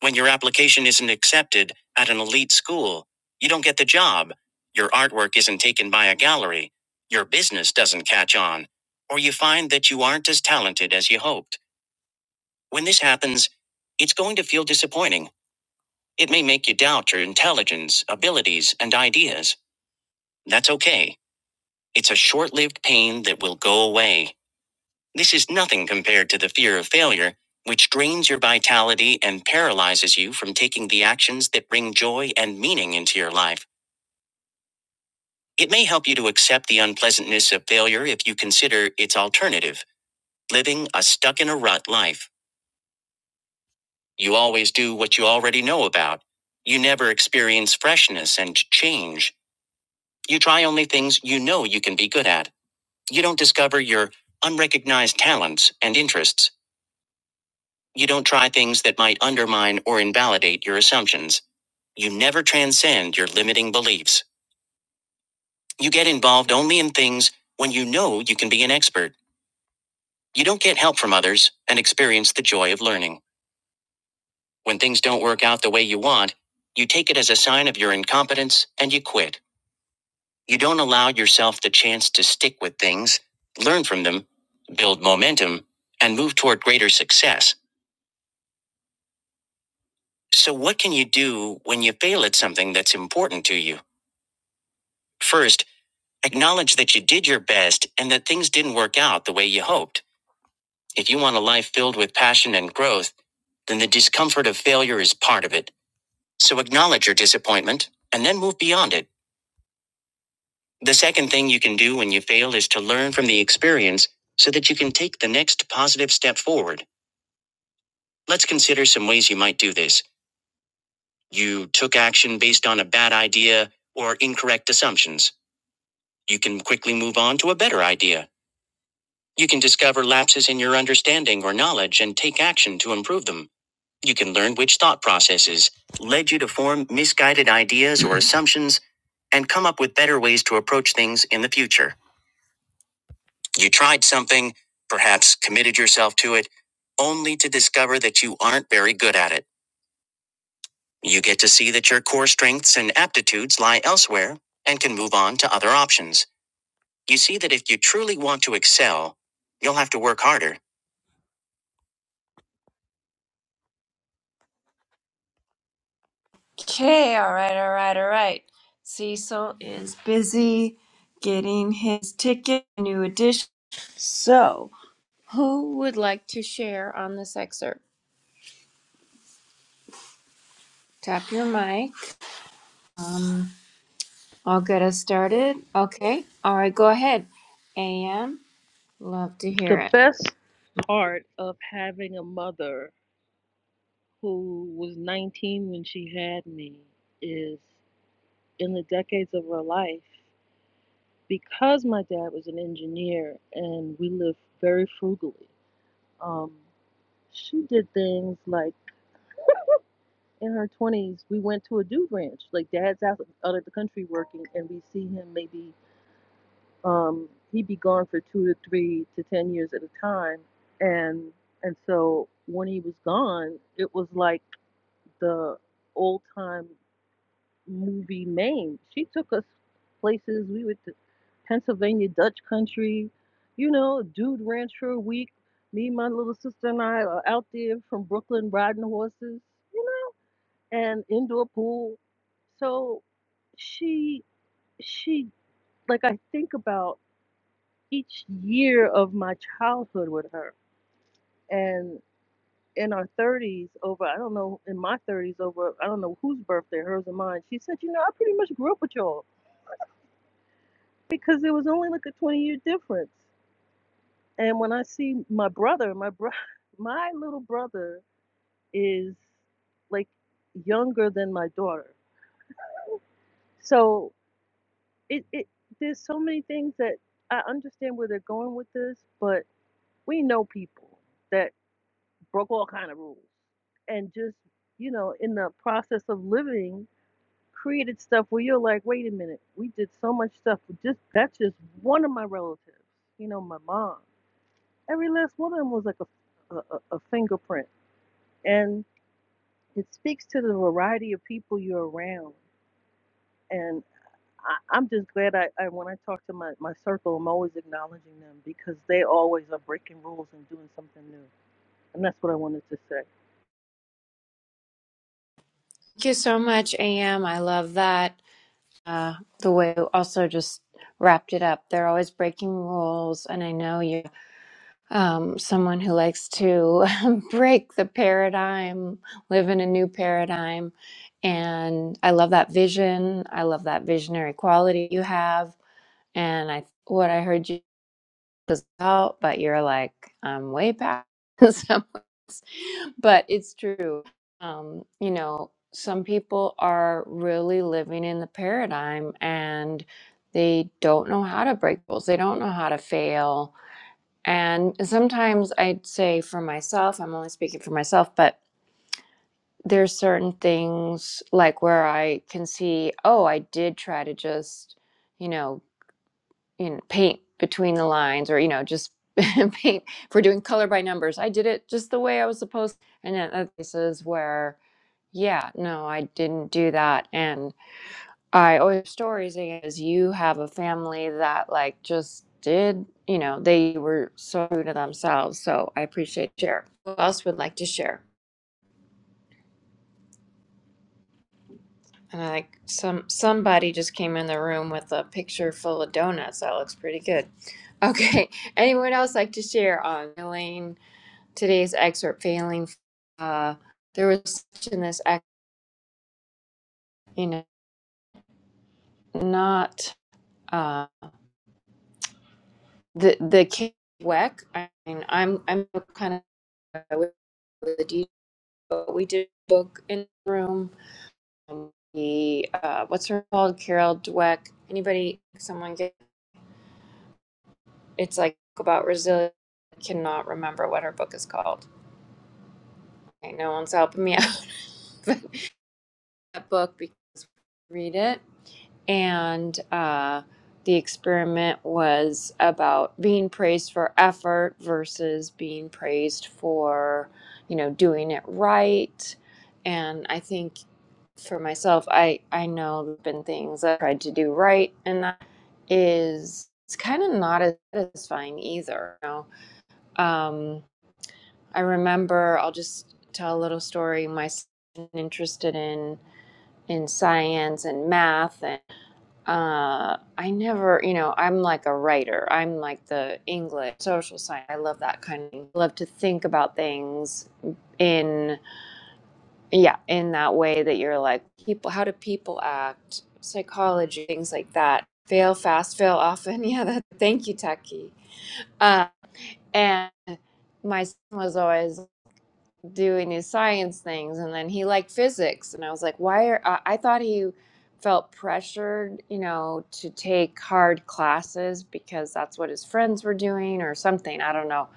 A: When your application isn't accepted at an elite school, you don't get the job, your artwork isn't taken by a gallery, your business doesn't catch on, or you find that you aren't as talented as you hoped. When this happens, it's going to feel disappointing. It may make you doubt your intelligence, abilities, and ideas. That's okay. It's a short lived pain that will go away. This is nothing compared to the fear of failure, which drains your vitality and paralyzes you from taking the actions that bring joy and meaning into your life. It may help you to accept the unpleasantness of failure if you consider its alternative living a stuck in a rut life. You always do what you already know about. You never experience freshness and change. You try only things you know you can be good at. You don't discover your unrecognized talents and interests. You don't try things that might undermine or invalidate your assumptions. You never transcend your limiting beliefs. You get involved only in things when you know you can be an expert. You don't get help from others and experience the joy of learning. When things don't work out the way you want, you take it as a sign of your incompetence and you quit. You don't allow yourself the chance to stick with things, learn from them, build momentum, and move toward greater success. So, what can you do when you fail at something that's important to you? First, acknowledge that you did your best and that things didn't work out the way you hoped. If you want a life filled with passion and growth, then the discomfort of failure is part of it. So, acknowledge your disappointment and then move beyond it. The second thing you can do when you fail is to learn from the experience so that you can take the next positive step forward. Let's consider some ways you might do this. You took action based on a bad idea or incorrect assumptions. You can quickly move on to a better idea. You can discover lapses in your understanding or knowledge and take action to improve them. You can learn which thought processes led you to form misguided ideas or assumptions and come up with better ways to approach things in the future. You tried something, perhaps committed yourself to it, only to discover that you aren't very good at it. You get to see that your core strengths and aptitudes lie elsewhere and can move on to other options. You see that if you truly want to excel, you'll have to work harder.
C: Okay, all right, all right, all right. Cecil is busy getting his ticket, new edition. So, who would like to share on this excerpt? Tap your mic. Um, I'll get us started. Okay, all right, go ahead. AM, love to hear
E: the
C: it.
E: best part of having a mother who was 19 when she had me is in the decades of her life, because my dad was an engineer and we lived very frugally, um, she did things like in her 20s, we went to a dude ranch. Like, dad's out, out of the country working, and we see him maybe, um, he'd be gone for two to three to 10 years at a time. And and so when he was gone, it was like, the old time movie name. She took us places. We went to Pennsylvania Dutch country, you know, dude rancher week. Me, my little sister, and I are out there from Brooklyn riding horses, you know, and indoor pool. So she, she, like, I think about each year of my childhood with her. and. in our 30s over i don't know in my 30s over i don't know whose birthday hers or mine she said you know i pretty much grew up with y'all because there was only like a 20 year difference and when i see my brother my bro my little brother is like younger than my daughter so it, it there's so many things that i understand where they're going with this but we know people that broke all kind of rules and just you know in the process of living created stuff where you're like, wait a minute, we did so much stuff. with Just that's just one of my relatives. You know, my mom. Every last one of them was like a, a, a fingerprint, and it speaks to the variety of people you're around. And I, I'm just glad I, I when I talk to my my circle, I'm always acknowledging them because they always are breaking rules and doing something new. And that's what I wanted to say.
C: Thank you so much, AM. I love that. Uh, the way you also just wrapped it up. They're always breaking rules, and I know you. um, someone who likes to break the paradigm, live in a new paradigm. And I love that vision. I love that visionary quality you have. And I what I heard you was out, but you're like, I'm way past someone else. But it's true. Um, you know, some people are really living in the paradigm and they don't know how to break rules. They don't know how to fail and sometimes I'd say for myself, I'm only speaking for myself, but there's certain things like where I can see, oh, I did try to just, you know, you know paint between the lines or, you know, just paint for doing color by numbers. I did it just the way I was supposed. And then other places where, yeah, no, I didn't do that. And. I always stories is you have a family that like just did you know they were so true to themselves. So I appreciate share. Who else would like to share? And I like some somebody just came in the room with a picture full of donuts. That looks pretty good. Okay, anyone else like to share on failing today's excerpt? Failing. Uh, there was such in this ex- you know not uh, the the Kate Weck. I mean, I'm I'm kind of. with the DJ, but we did book in the room. Um, the uh, what's her called? Carol Dweck. Anybody? Someone get? It's like about resilience. I cannot remember what her book is called. Okay, no one's helping me out. But that book because read it and uh, the experiment was about being praised for effort versus being praised for you know doing it right and i think for myself, I I know there've been things I tried to do right, and that is it's kind of not as satisfying either. You know, um, I remember I'll just tell a little story. My son was interested in in science and math, and uh, I never, you know, I'm like a writer. I'm like the English social science. I love that kind of. Thing. Love to think about things in yeah in that way that you're like people how do people act psychology things like that fail fast fail often yeah that, thank you Taki uh, and my son was always doing his science things and then he liked physics and i was like why are i, I thought he felt pressured you know to take hard classes because that's what his friends were doing or something i don't know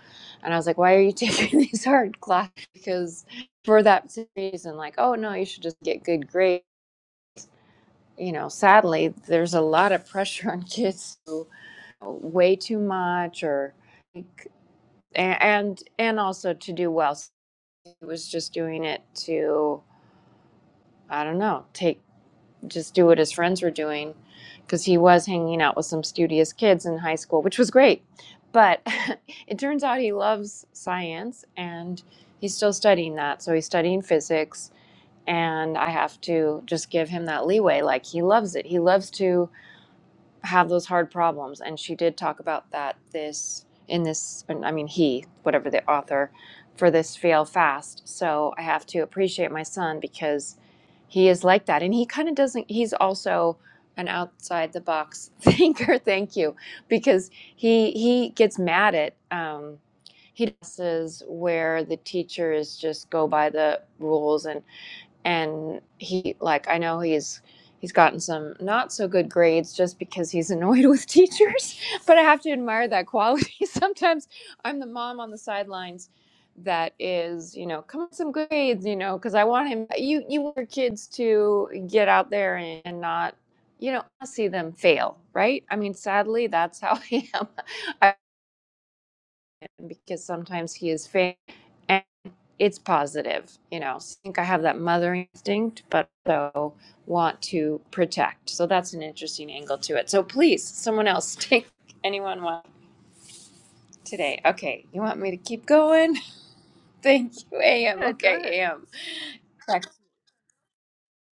C: and i was like why are you taking these hard classes because for that reason like oh no you should just get good grades you know sadly there's a lot of pressure on kids to way too much or and and also to do well So he was just doing it to I don't know, take just do what his friends were doing because he was hanging out with some studious kids in high school, which was great. But it turns out he loves science and he's still studying that. So he's studying physics, and I have to just give him that leeway. Like, he loves it. He loves to have those hard problems and she did talk about that this in this i mean he whatever the author for this fail fast so i have to appreciate my son because he is like that and he kind of doesn't he's also an outside the box thinker thank you because he he gets mad at um he does where the teachers just go by the rules and and he like i know he's he's gotten some not so good grades just because he's annoyed with teachers but i have to admire that quality sometimes i'm the mom on the sidelines that is you know come on some good grades you know because i want him you you want your kids to get out there and, and not you know see them fail right i mean sadly that's how i am I, because sometimes he is failing And it's positive. You know, So I think I have that mother instinct, but also want to protect. So that's an interesting angle to it. So please, someone else take anyone one today. Okay, you want me to keep going? Thank you,
E: Go
C: AM.
E: ahead. Go ahead.
C: Okay, AM.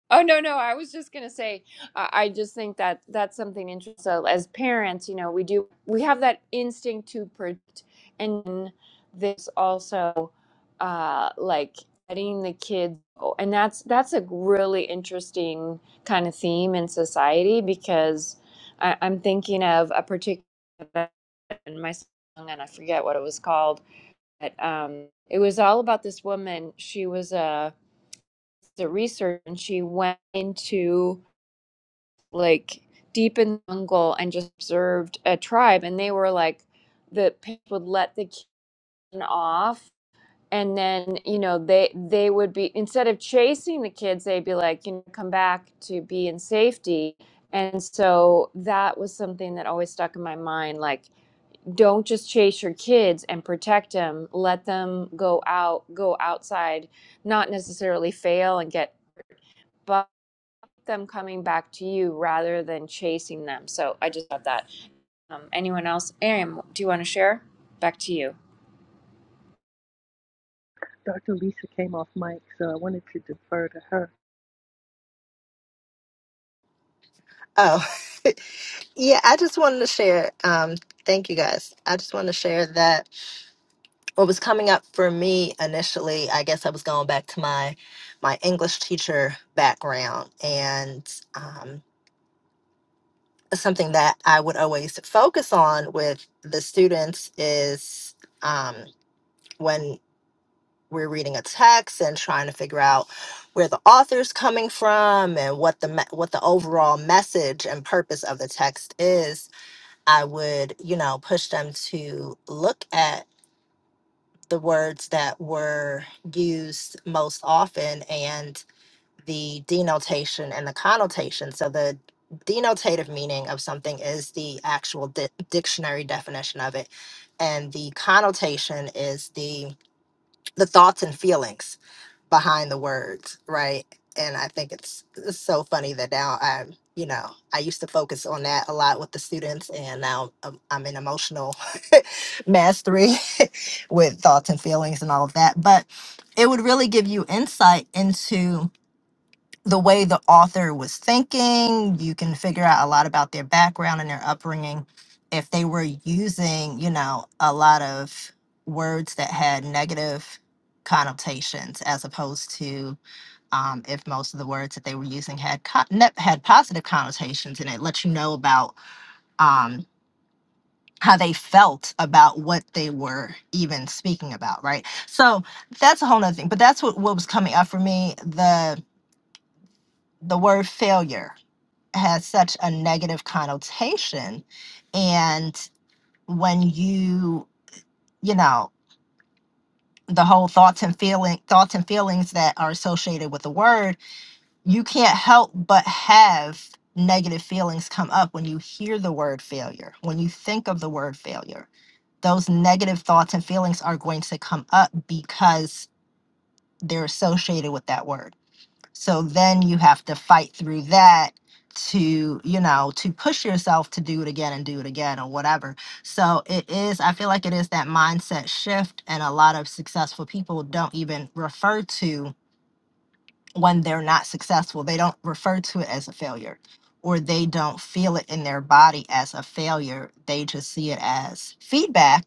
C: Oh no, no, I was just gonna say, I I just think that that's something interesting. So as parents, you know, we do we have that instinct to protect, and there's also uh, like letting the kids, go. and that's that's a really interesting kind of theme in society because I, I'm thinking of a particular event in my song, and I forget what it was called, but um, it was all about this woman. She was a the research and she went into like deep in the jungle and just observed a tribe and they were like the parents would let the kid off and then you know they they would be instead of chasing the kids they'd be like you know come back to be in safety and so that was something that always stuck in my mind like don't just chase your kids and protect them let them go out go outside not necessarily fail and get them coming back to you rather than chasing them. So I just love that. Um, anyone else? Miriam, do you want to share? Back to you.
E: Dr. Lisa came off mic, so I wanted to defer to her.
D: Oh, Yeah, I just wanted to share. Um, thank you guys. I just wanted to share that what was coming up for me initially, I guess I was going back to my my English teacher background and um, something that I would always focus on with the students is um, when we're reading a text and trying to figure out where the author's coming from and what the me- what the overall message and purpose of the text is I would, you know, push them to look at the words that were used most often and the denotation and the connotation. So the denotative meaning of something is the actual di- dictionary definition of it and the connotation is the the thoughts and feelings behind the words, right? And I think it's, it's so funny that now I'm, you know, I used to focus on that a lot with the students, and now I'm, I'm in emotional mastery with thoughts and feelings and all of that. But it would really give you insight into the way the author was thinking. You can figure out a lot about their background and their upbringing. If they were using, you know, a lot of words that had negative connotations, as opposed to um, if most of the words that they were using had co- ne- had positive connotations, and it lets you know about um, how they felt about what they were even speaking about, right? So that's a whole nother thing. But that's what what was coming up for me. The the word failure has such a negative connotation and when you you know the whole thoughts and feeling thoughts and feelings that are associated with the word you can't help but have negative feelings come up when you hear the word failure when you think of the word failure those negative thoughts and feelings are going to come up because they're associated with that word So then you have to fight through that to, you know, to push yourself to do it again and do it again or whatever. So it is, I feel like it is that mindset shift. And a lot of successful people don't even refer to when they're not successful, they don't refer to it as a failure or they don't feel it in their body as a failure. They just see it as feedback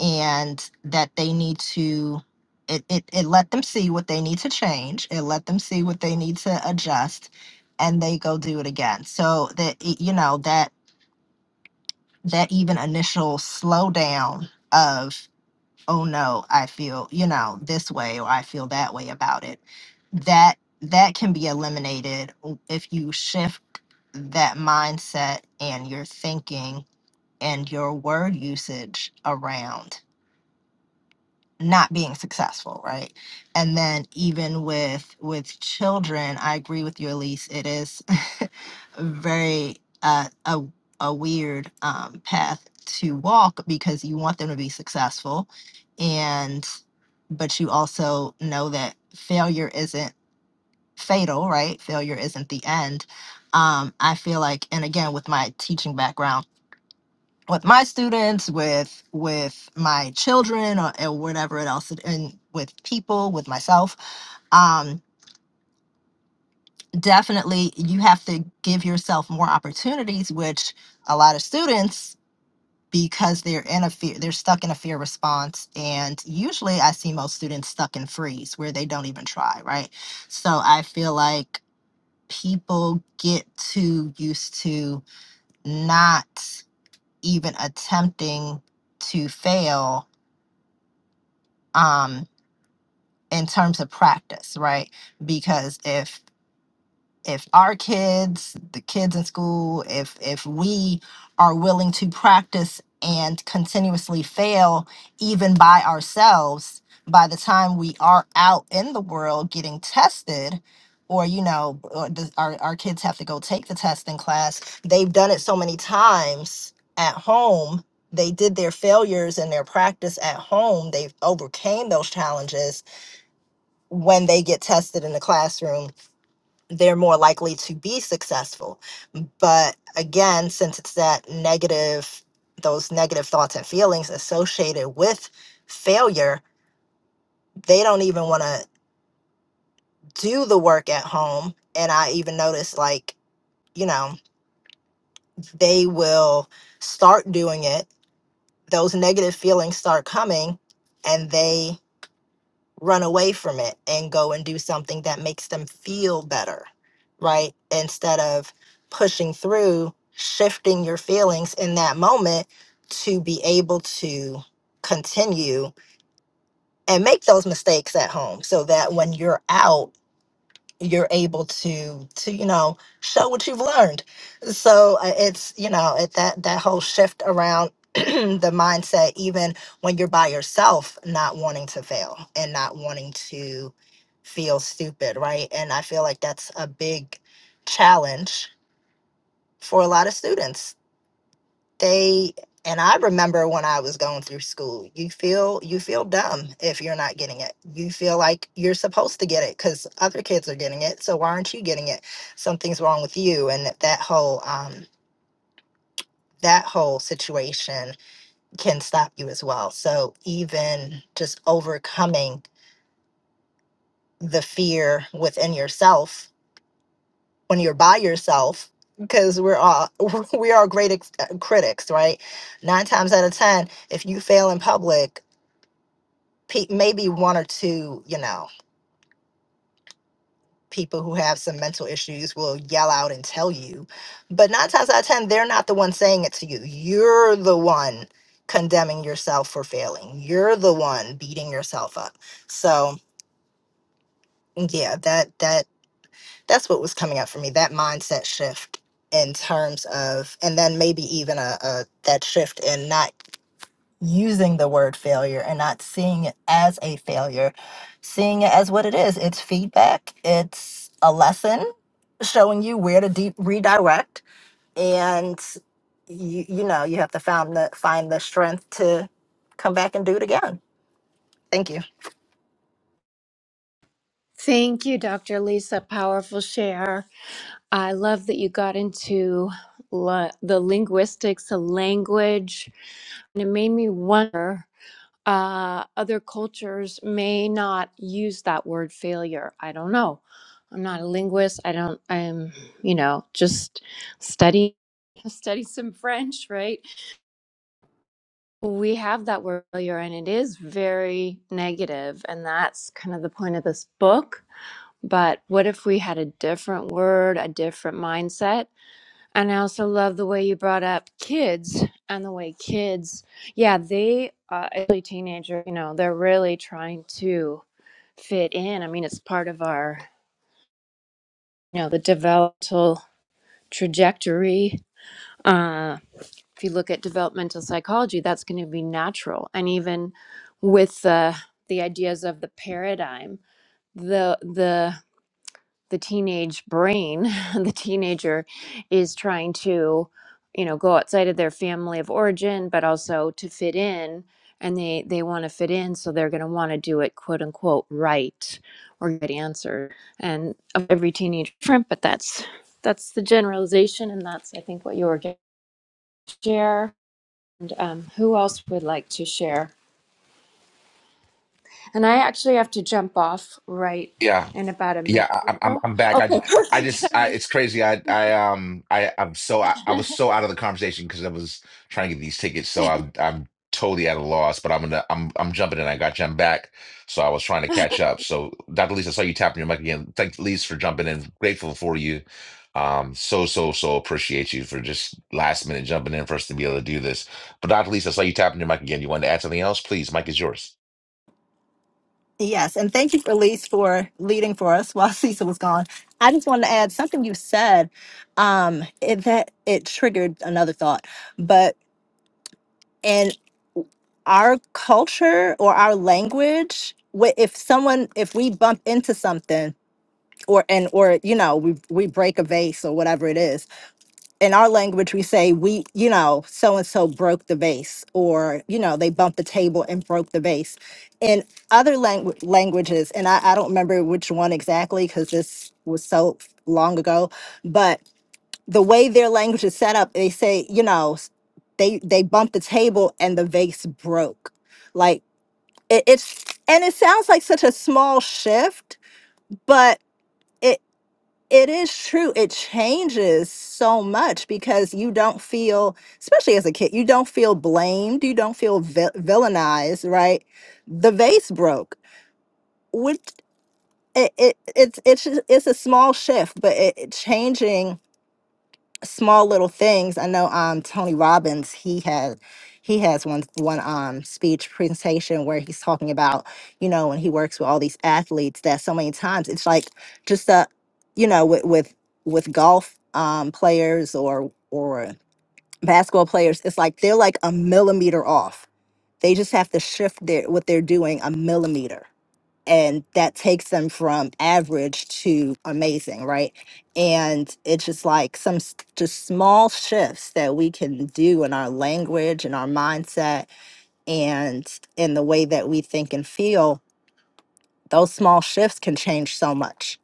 D: and that they need to it, it, it let them see what they need to change it let them see what they need to adjust and they go do it again so that it- you know that that even initial slowdown of oh no i feel you know this way or i feel that way about it that that can be eliminated w- if you shift that mindset and your thinking and your word usage around not being successful right and then even with with children i agree with you elise it is very uh, a, a weird um, path to walk because you want them to be successful and but you also know that failure isn't fatal right failure isn't the end um, i feel like and again with my teaching background with my students with with my children or, or whatever it else and with people with myself um definitely you have to give yourself more opportunities which a lot of students because they're in a fear they're stuck in a fear response and usually i see most students stuck in freeze where they don't even try right so i feel like people get too used to not even attempting to fail um in terms of practice, right? Because if if our kids, the kids in school, if if we are willing to practice and continuously fail even by ourselves, by the time we are out in the world getting tested, or you know, or the, our our kids have to go take the test in class, they've done it so many times at home. They did their failures and their practice at home. They've overcame those challenges when they get tested in the classroom, they're more likely to be successful. But again, since it's that negative, those negative thoughts and feelings associated with failure, they don't even want to do the work at home. And I even notice, like, you know, they will start doing it, those negative feelings start coming, and they run away from it and go and do something that makes them feel better, right? Instead of pushing through, shifting your feelings in that moment to be able to continue and make those mistakes at home so that when you're out you're able to to you know show what you've learned so uh, it's you know it, that that whole shift around the mindset even when you're by yourself not wanting to fail and not wanting to feel stupid right and i feel like that's a big challenge for a lot of students they and i remember when i was going through school you feel you feel dumb if you're not getting it you feel like you're supposed to get it because other kids are getting it so why aren't you getting it something's wrong with you and that, that whole um that whole situation can stop you as well so even just overcoming the fear within yourself when you're by yourself because we're all we are great ex- uh, critics right nine times out of ten if you fail in public pe- maybe one or two, you know, people who have some mental issues will yell out and tell you, but nine times out of 10, they're not the one saying it to you. You're the one condemning yourself for failing. You're the one beating yourself up. So yeah, that, that, that's what was coming up for me, that mindset shift in terms of, and then maybe even a, a that shift in not using the word failure and not seeing it as a failure, seeing it as what it is. It's feedback, it's a lesson showing you where to de- redirect and you, you know, you have to find the find the strength to come back and do it again. Thank you.
C: Thank you, Dr. Lisa. Powerful share. I love that you got into la- the linguistics of language. And it made me wonder uh, other cultures may not use that word failure. I don't know. I'm not a linguist. I don't, I'm, you know, just study, study some French, right? We have that word failure, and it is very negative, and that's kind of the point of this book. But what if we had a different word, a different mindset? And I also love the way you brought up kids and the way kids, yeah, they, uh, especially teenager, you know, they're really trying to fit in. I mean, it's part of our, you know, the developmental trajectory. Um, if you look at developmental psychology, that's going to be natural. And even with the the ideas of the paradigm, the the the teenage brain, the teenager is trying to, you know, go outside of their family of origin, but also to fit in. And they, they want to fit in, so they're going to want to do it, quote unquote, right or get answer. And every teenager, is different, but that's that's the generalization, and that's I think what you were going to share. Um, who else would like to share? And I actually have to jump off right
A: Yeah.
C: in about a
A: Yeah,
C: minute or
A: I, I'm I'm
C: so.
A: I'm back. I
C: Okay,
A: just I
C: perfect.
A: just I
C: timing.
A: it's crazy. I I um I I'm so I, I was so out of the conversation because I was trying to get these tickets. So I'm I'm totally at a loss. But I'm gonna I'm I'm jumping in. I got you. I'm back. So I was trying to catch up. So Dr. Lisa, I saw you tapping your mic again. Thanks, Lisa, for jumping in. Grateful for you. Um, so so so appreciate you for just last minute jumping in for us to be able to do this. But Dr. Lisa, I saw you tapping your mic again. You wanted to add something else? Please, mic is yours.
D: Yes, and thank you for Elise for leading for us while Cecil was gone. I just wanted to add something you said um it, that it triggered another thought. But and. our culture or our language wh- if someone if we bump into something or and or you know we we break a vase or whatever it is in our language we say we you know so and so broke the vase or you know they bumped the table and broke the vase in other langu- languages and I, I don't remember which one exactly because this was so long ago but the way their language is set up they say you know s- they they bumped the table and the vase broke like it, it's and it sounds like such a small shift but it it is true it changes so much because you don't feel especially as a kid you don't feel blamed you don't feel vil- villainized right the vase broke which it, it it's it's just- it's a small shift but it, it changing small little things. I know um Tony Robbins, he had he has one one um speech presentation where he's talking about, you know, when he works with all these athletes that so many times it's like just a you know, with with with golf um players or or basketball players, it's like they're like a millimeter off. They just have to shift their what they're doing a millimeter and that takes them from average to amazing right and it's just like some s- just small shifts that we can do in our language and our mindset and in the way that we think and feel those small shifts can change so much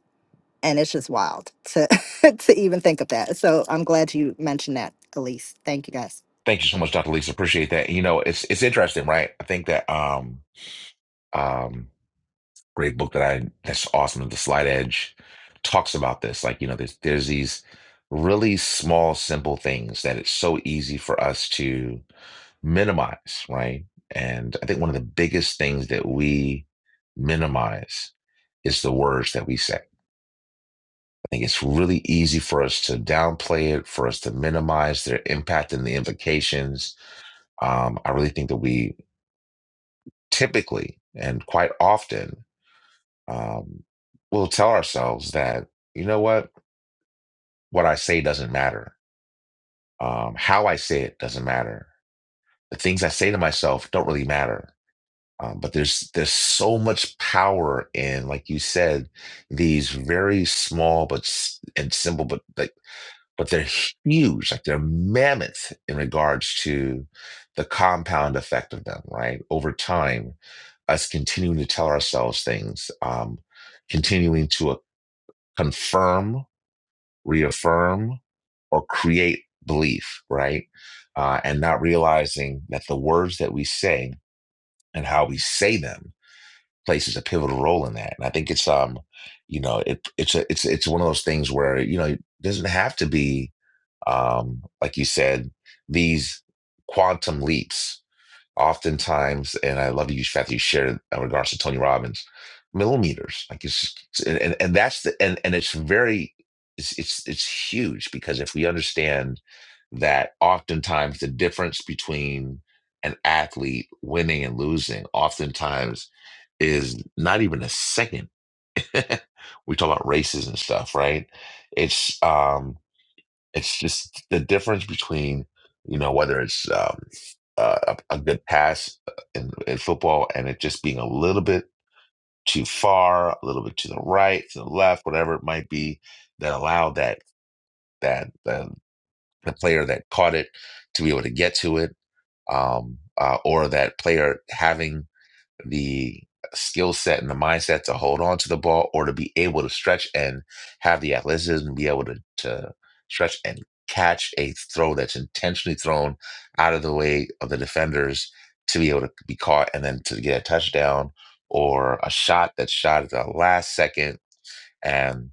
D: and it's just wild to to even think of that so i'm glad you mentioned that elise thank you guys
A: Thank you so much, Dr. Lisa. Appreciate that. You know, it's it's interesting, right? I think that um um great book that I that's awesome, The Slight Edge talks about this. Like, you know, there's there's these really small, simple things that it's so easy for us to minimize, right? And I think one of the biggest things that we minimize is the words that we say. I think it's really easy for us to downplay it, for us to minimize their impact and the implications. Um, I really think that we typically and quite often um, we'll tell ourselves that you know what what i say doesn't matter um, how i say it doesn't matter the things i say to myself don't really matter um, but there's there's so much power in like you said these very small but s- and simple but like but they're huge, like they're mammoth in regards to the compound effect of them, right? Over time, us continuing to tell ourselves things, um, continuing to uh, confirm, reaffirm, or create belief, right? Uh, and not realizing that the words that we say and how we say them places a pivotal role in that. And I think it's um, you know, it it's a, it's it's one of those things where you know it doesn't have to be um, like you said, these quantum leaps oftentimes, and I love you, fact that you shared in regards to Tony Robbins, millimeters. Like it's just, and, and and that's the and and it's very it's it's it's huge because if we understand that oftentimes the difference between an athlete winning and losing oftentimes is not even a second. we talk about races and stuff, right? It's um it's just the difference between, you know, whether it's um, uh, a, a good pass uh, in, in football and it just being a little bit too far, a little bit to the right, to the left, whatever it might be, that allowed that that the, the player that caught it to be able to get to it, um, uh, or that player having the skill set and the mindset to hold on to the ball or to be able to stretch and have the athleticism, be able to, to stretch and catch a throw that's intentionally thrown out of the way of the defenders to be able to be caught and then to get a touchdown or a shot that's shot at the last second. And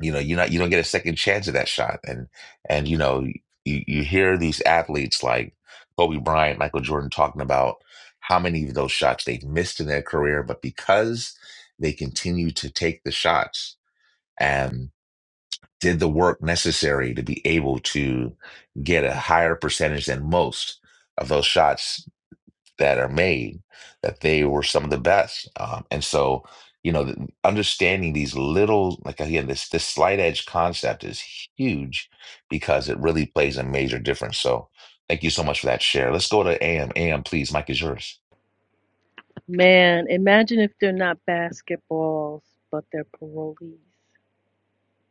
A: you know, you're not you don't get a second chance at that shot. And and you know, you, you hear these athletes like Kobe Bryant, Michael Jordan talking about how many of those shots they've missed in their career, but because they continue to take the shots and did the work necessary to be able to get a higher percentage than most of those shots that are made that they were some of the best um, and so you know th- understanding these little like again this this slight edge concept is huge because it really plays a major difference so thank you so much for that share let's go to am am please mike is yours
E: Man, imagine if they're not basketballs, but they're parolees.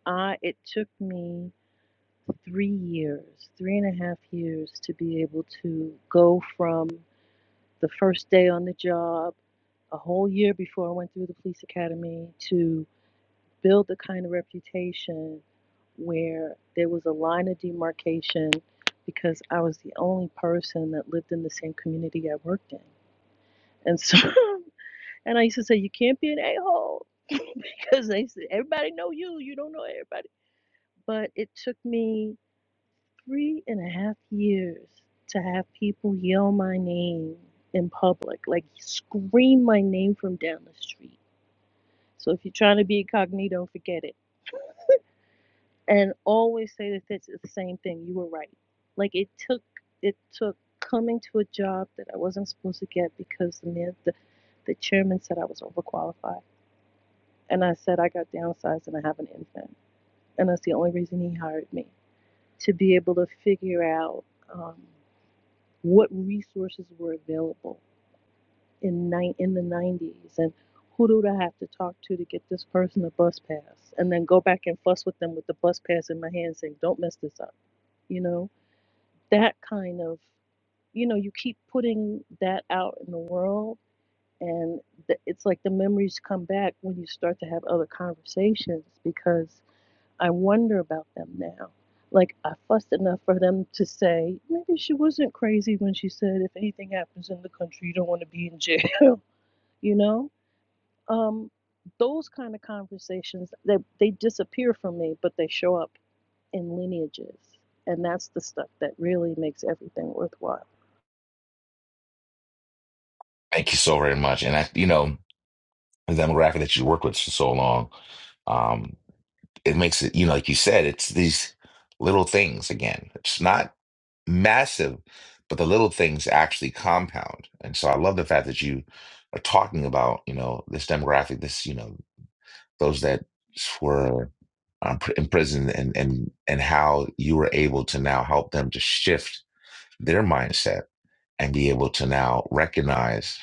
E: I it took me three years, three and a half years to be able to go from the first day on the job, a whole year before I went through the police academy, to build the kind of reputation where there was a line of demarcation because I was the only person that lived in the same community I worked in. And so And I used to say, you can't be an a-hole because they said, everybody know you. You don't know everybody. But it took me three and a half years to have people yell my name in public, like scream my name from down the street. So if you're trying to be incognito, forget it. And always say that this is the same thing. You were right. Like it took, it took coming to a job that I wasn't supposed to get because the man, the, the chairman said I was overqualified And I said, I got downsized and I have an infant. And that's the only reason he hired me to be able to figure out um, what resources were available in, ni- in the 90s and who do I have to talk to to get this person a bus pass and then go back and fuss with them with the bus pass in my hand saying, don't mess this up. You know, that kind of, you know, you keep putting that out in the world and th- it's like the memories come back when you start to have other conversations because I wonder about them now. Like, I fussed enough for them to say, maybe she wasn't crazy when she said, if anything happens in the country, you don't want to be in jail, you know? Um, those kind of conversations, they, they disappear from me, but they show up in lineages. And that's the stuff that really makes everything worthwhile.
A: thank you so very much and i you know the demographic that you work with for so long um it makes it you know like you said it's these little things again it's not massive, but the little things actually compound. And so I love the fact that you are talking about, you know, this demographic, this, you know, those that were um, pr- in prison and, and, and how you were able to now help them to shift their mindset and be able to now recognize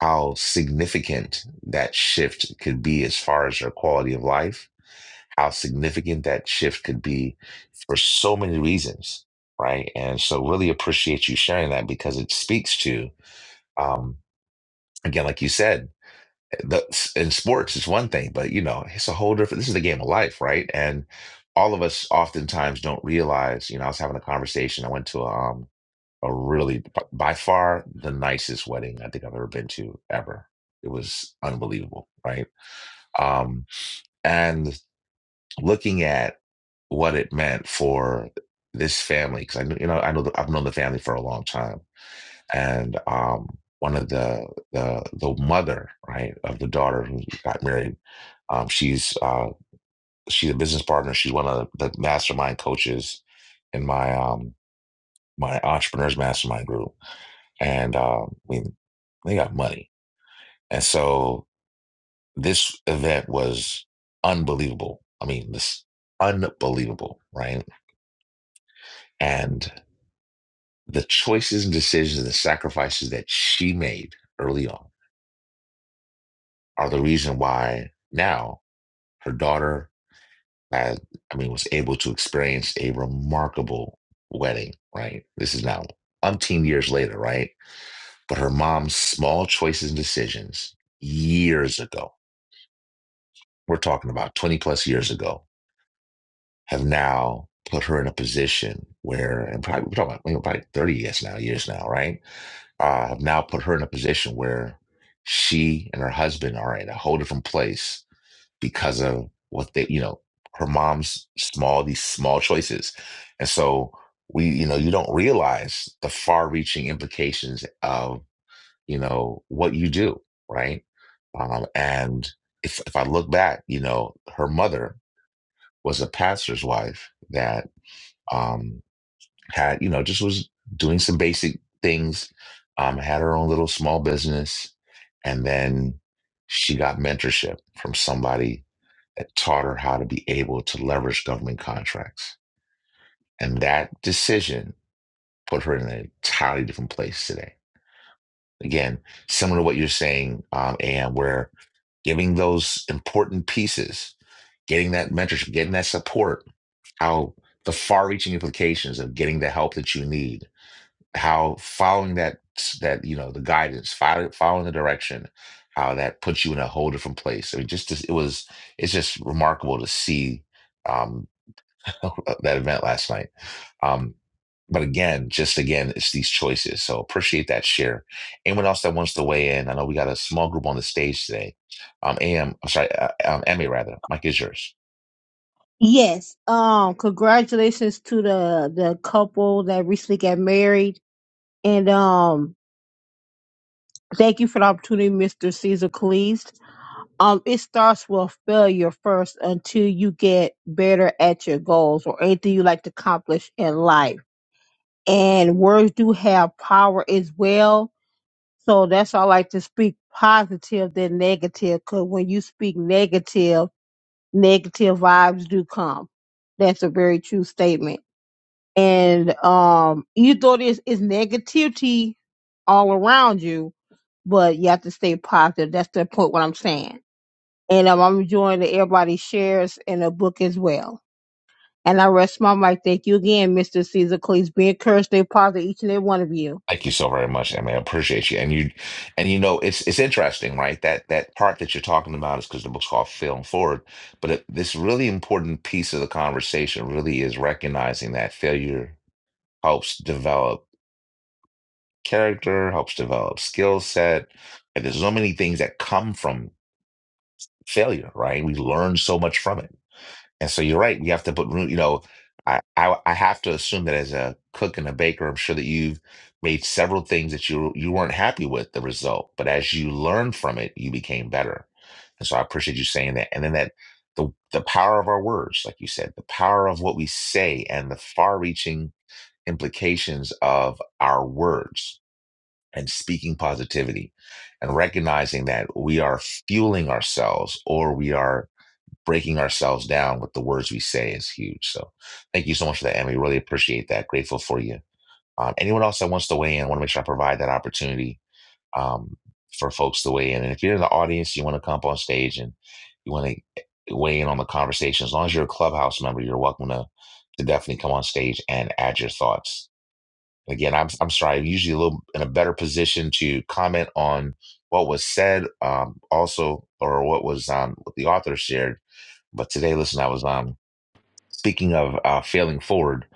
A: how significant that shift could be as far as their quality of life how significant that shift could be for so many reasons, right? And so, really appreciate you sharing that because it speaks to, um, again, like you said, the, in sports it's one thing, but you know, it's a whole different. This is the game of life, right? And all of us oftentimes don't realize. You know, I was having a conversation. I went to a, um, a really, by far, the nicest wedding I think I've ever been to ever. It was unbelievable, right? Um, and looking at what it meant for this family because I knew you know I know the, I've known the family for a long time and um one of the the the mother right of the daughter who got married um she's uh she's a business partner she's one of the mastermind coaches in my um my entrepreneurs mastermind group and um I mean they got money and so this event was unbelievable I mean this unbelievable right and The choices and decisions and the sacrifices that she made early on are the reason why now her daughter had, I mean, was able to experience a remarkable wedding, right? This is now umpteen years later, right? But her mom's small choices and decisions years ago, we're talking about 20 plus years ago, have now put her in a position where, and probably we're talking about you know, probably thirty years now, years now, right? Uh, have now put her in a position where she and her husband are in a whole different place because of what they, you know, her mom's small these small choices, and so we, you know, you don't realize the far-reaching implications of you know what you do, right? Um, and if if I look back, you know, her mother was a pastor's wife that um, had you know just was doing some basic things um, had her own little small business and then she got mentorship from somebody that taught her how to be able to leverage government contracts and that decision put her in an entirely different place today again similar to what you're saying um, and where giving those important pieces getting that mentorship getting that support how the far-reaching implications of getting the help that you need how following that that you know the guidance following, following the direction how that puts you in a whole different place i mean just this- it was it's just remarkable to see um that event last night um but again just again it's these choices so appreciate that share anyone else that wants to weigh in i know we got a small group on the stage today um am i'm sorry uh, um emmy rather mike is yours
B: Yes. Um. Congratulations to the the couple that recently got married, and um. Thank you for the opportunity, Mr. Caesar Cleese. um it starts with failure first until you get better at your goals or anything you like to accomplish in life and words do have power as well so that's why i like to speak positive than negative because when you speak negative negative vibes do come that's a very true statement and um even though there's is negativity all around you but you have to stay positive that's the point what i'm saying and um, I'm enjoying that everybody shares in the book as well. And I rest my mic. Thank you again, Mr. Caesar Cleese. Be encouraged, stay positive, each and every one of you.
A: Thank you so very much, Emmy. I appreciate you. And you, and you know, it's it's interesting, right? That that part that you're talking about is because the book's called Film Forward, but it, this really important piece of the conversation really is recognizing that failure helps develop character, helps develop skill set, and there's so many things that come from failure, right? We learn so much from it and so you're right. We have to put room, you know, I, I I have to assume that as a cook and a baker, I'm sure that you've made several things that you you weren't happy with the result, but as you learned from it, you became better. And so I appreciate you saying that. And then that the the power of our words, like you said, the power of what we say and the far-reaching implications of our words and speaking positivity and recognizing that we are fueling ourselves or we are breaking ourselves down with the words we say is huge. So thank you so much for that, and we really appreciate that. Grateful for you. Um, anyone else that wants to weigh in, I want to make sure I provide that opportunity um, for folks to weigh in. And if you're in the audience, you want to come up on stage and you want to weigh in on the conversation. As long as you're a clubhouse member, you're welcome to to definitely come on stage and add your thoughts. again, I'm I'm sorry. I'm usually a little in a better position to comment on what was said, um, also, or what was um, what the author shared but today, listen, I was um speaking of uh, failing forward.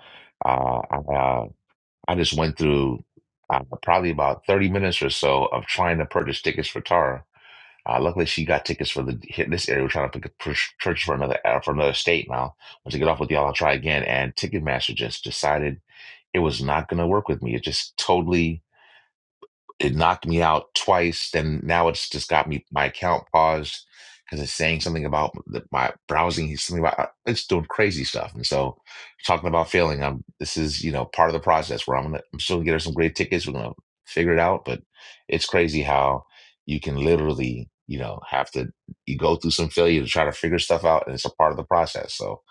A: Uh, I, uh, I just went through uh, probably about thirty minutes or so of trying to purchase tickets for Tara. Uh, luckily, she got tickets for the hit this area. We're trying to pick a pur- church for another uh, for another state now. Once I get off with y'all, I'll try again. And Ticketmaster just decided it was not going to work with me. It just totally it knocked me out twice. Then now it's just got me my account paused because it's saying something about the, my browsing. It's Something about uh, it's doing crazy stuff. And so, talking about failing, I'm this is you know part of the process where I'm gonna I'm still gonna get her some great tickets. We're gonna figure it out. But it's crazy how you can literally you know have to you go through some failure to try to figure stuff out, and it's a part of the process. So,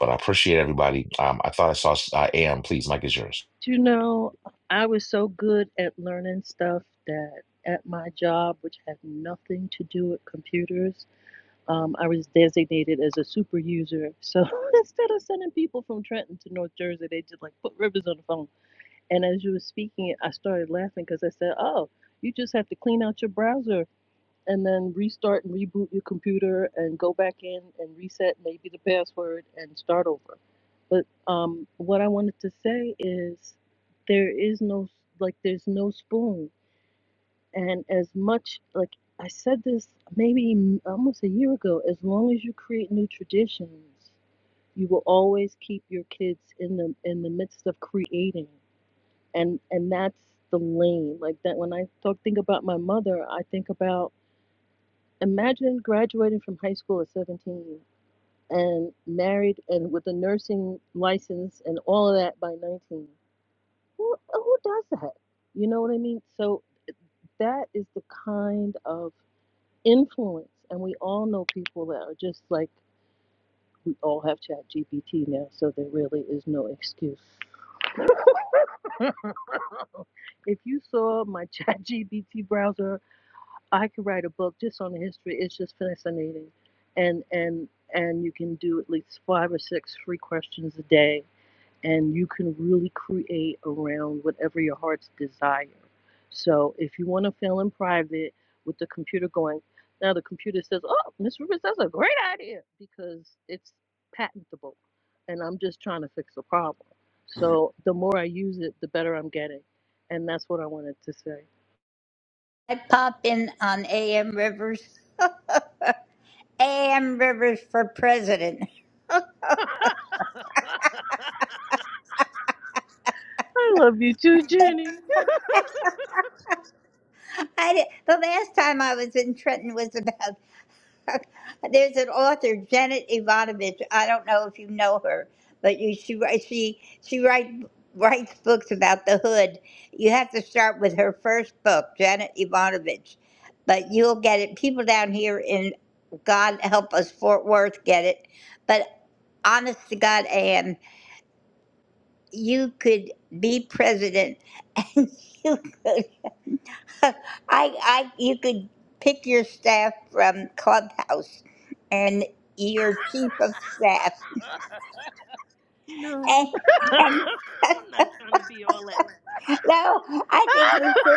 A: but I appreciate everybody. Um, I thought I saw uh, Am. Please, Mike is yours.
E: You know, I was so good at learning stuff that at my job, which had nothing to do with computers, Um, I was designated as a super user. So instead of sending people from Trenton to North Jersey, they just like put Rivers on the phone. And as you were speaking, I started laughing because I said, Oh, you just have to clean out your browser and then restart and reboot your computer and go back in and reset maybe the password and start over. But um, what I wanted to say is there is no, like, there's no spoon and as much like I said this maybe almost a year ago, as long as you create new traditions, you will always keep your kids in the in the midst of creating. And and that's the lane. Like that when I talk think about my mother, I think about imagine graduating from high school at 17 and married and with a nursing license and all of that by 19. Who who does that? You know what I mean? So that is the kind of influence. And we all know people that are just like we all have Chat GPT now, so there really is no excuse. If you saw my Chat GPT browser, I could write a book just on the history. It's just fascinating, and and and you can do at least five or six free questions a day and you can really create around whatever your heart's desire. So if you want to fail in private with the computer going, now the computer says, "Oh, Miss Rivers, that's a great idea," because it's patentable, and I'm just trying to fix a problem. So the more I use it, the better I'm getting, and that's what I wanted to say.
G: I pop in on AM Rivers. AM Rivers for president.
E: I love you too, Jenny.
G: I did, the last time I was in Trenton was about. There's an author, Janet Ivanovich. I don't know if you know her, but you she wri- she she write, writes books about the hood. You have to start with her first book, Janet Ivanovich, but you'll get it. People down here in God help us Fort Worth get it, but honest to God, AM. you could be president and you could I I you could pick your staff from Clubhouse and your chief of staff
E: No,
G: and and
E: I'm not trying to be all that.
G: no, I think we should.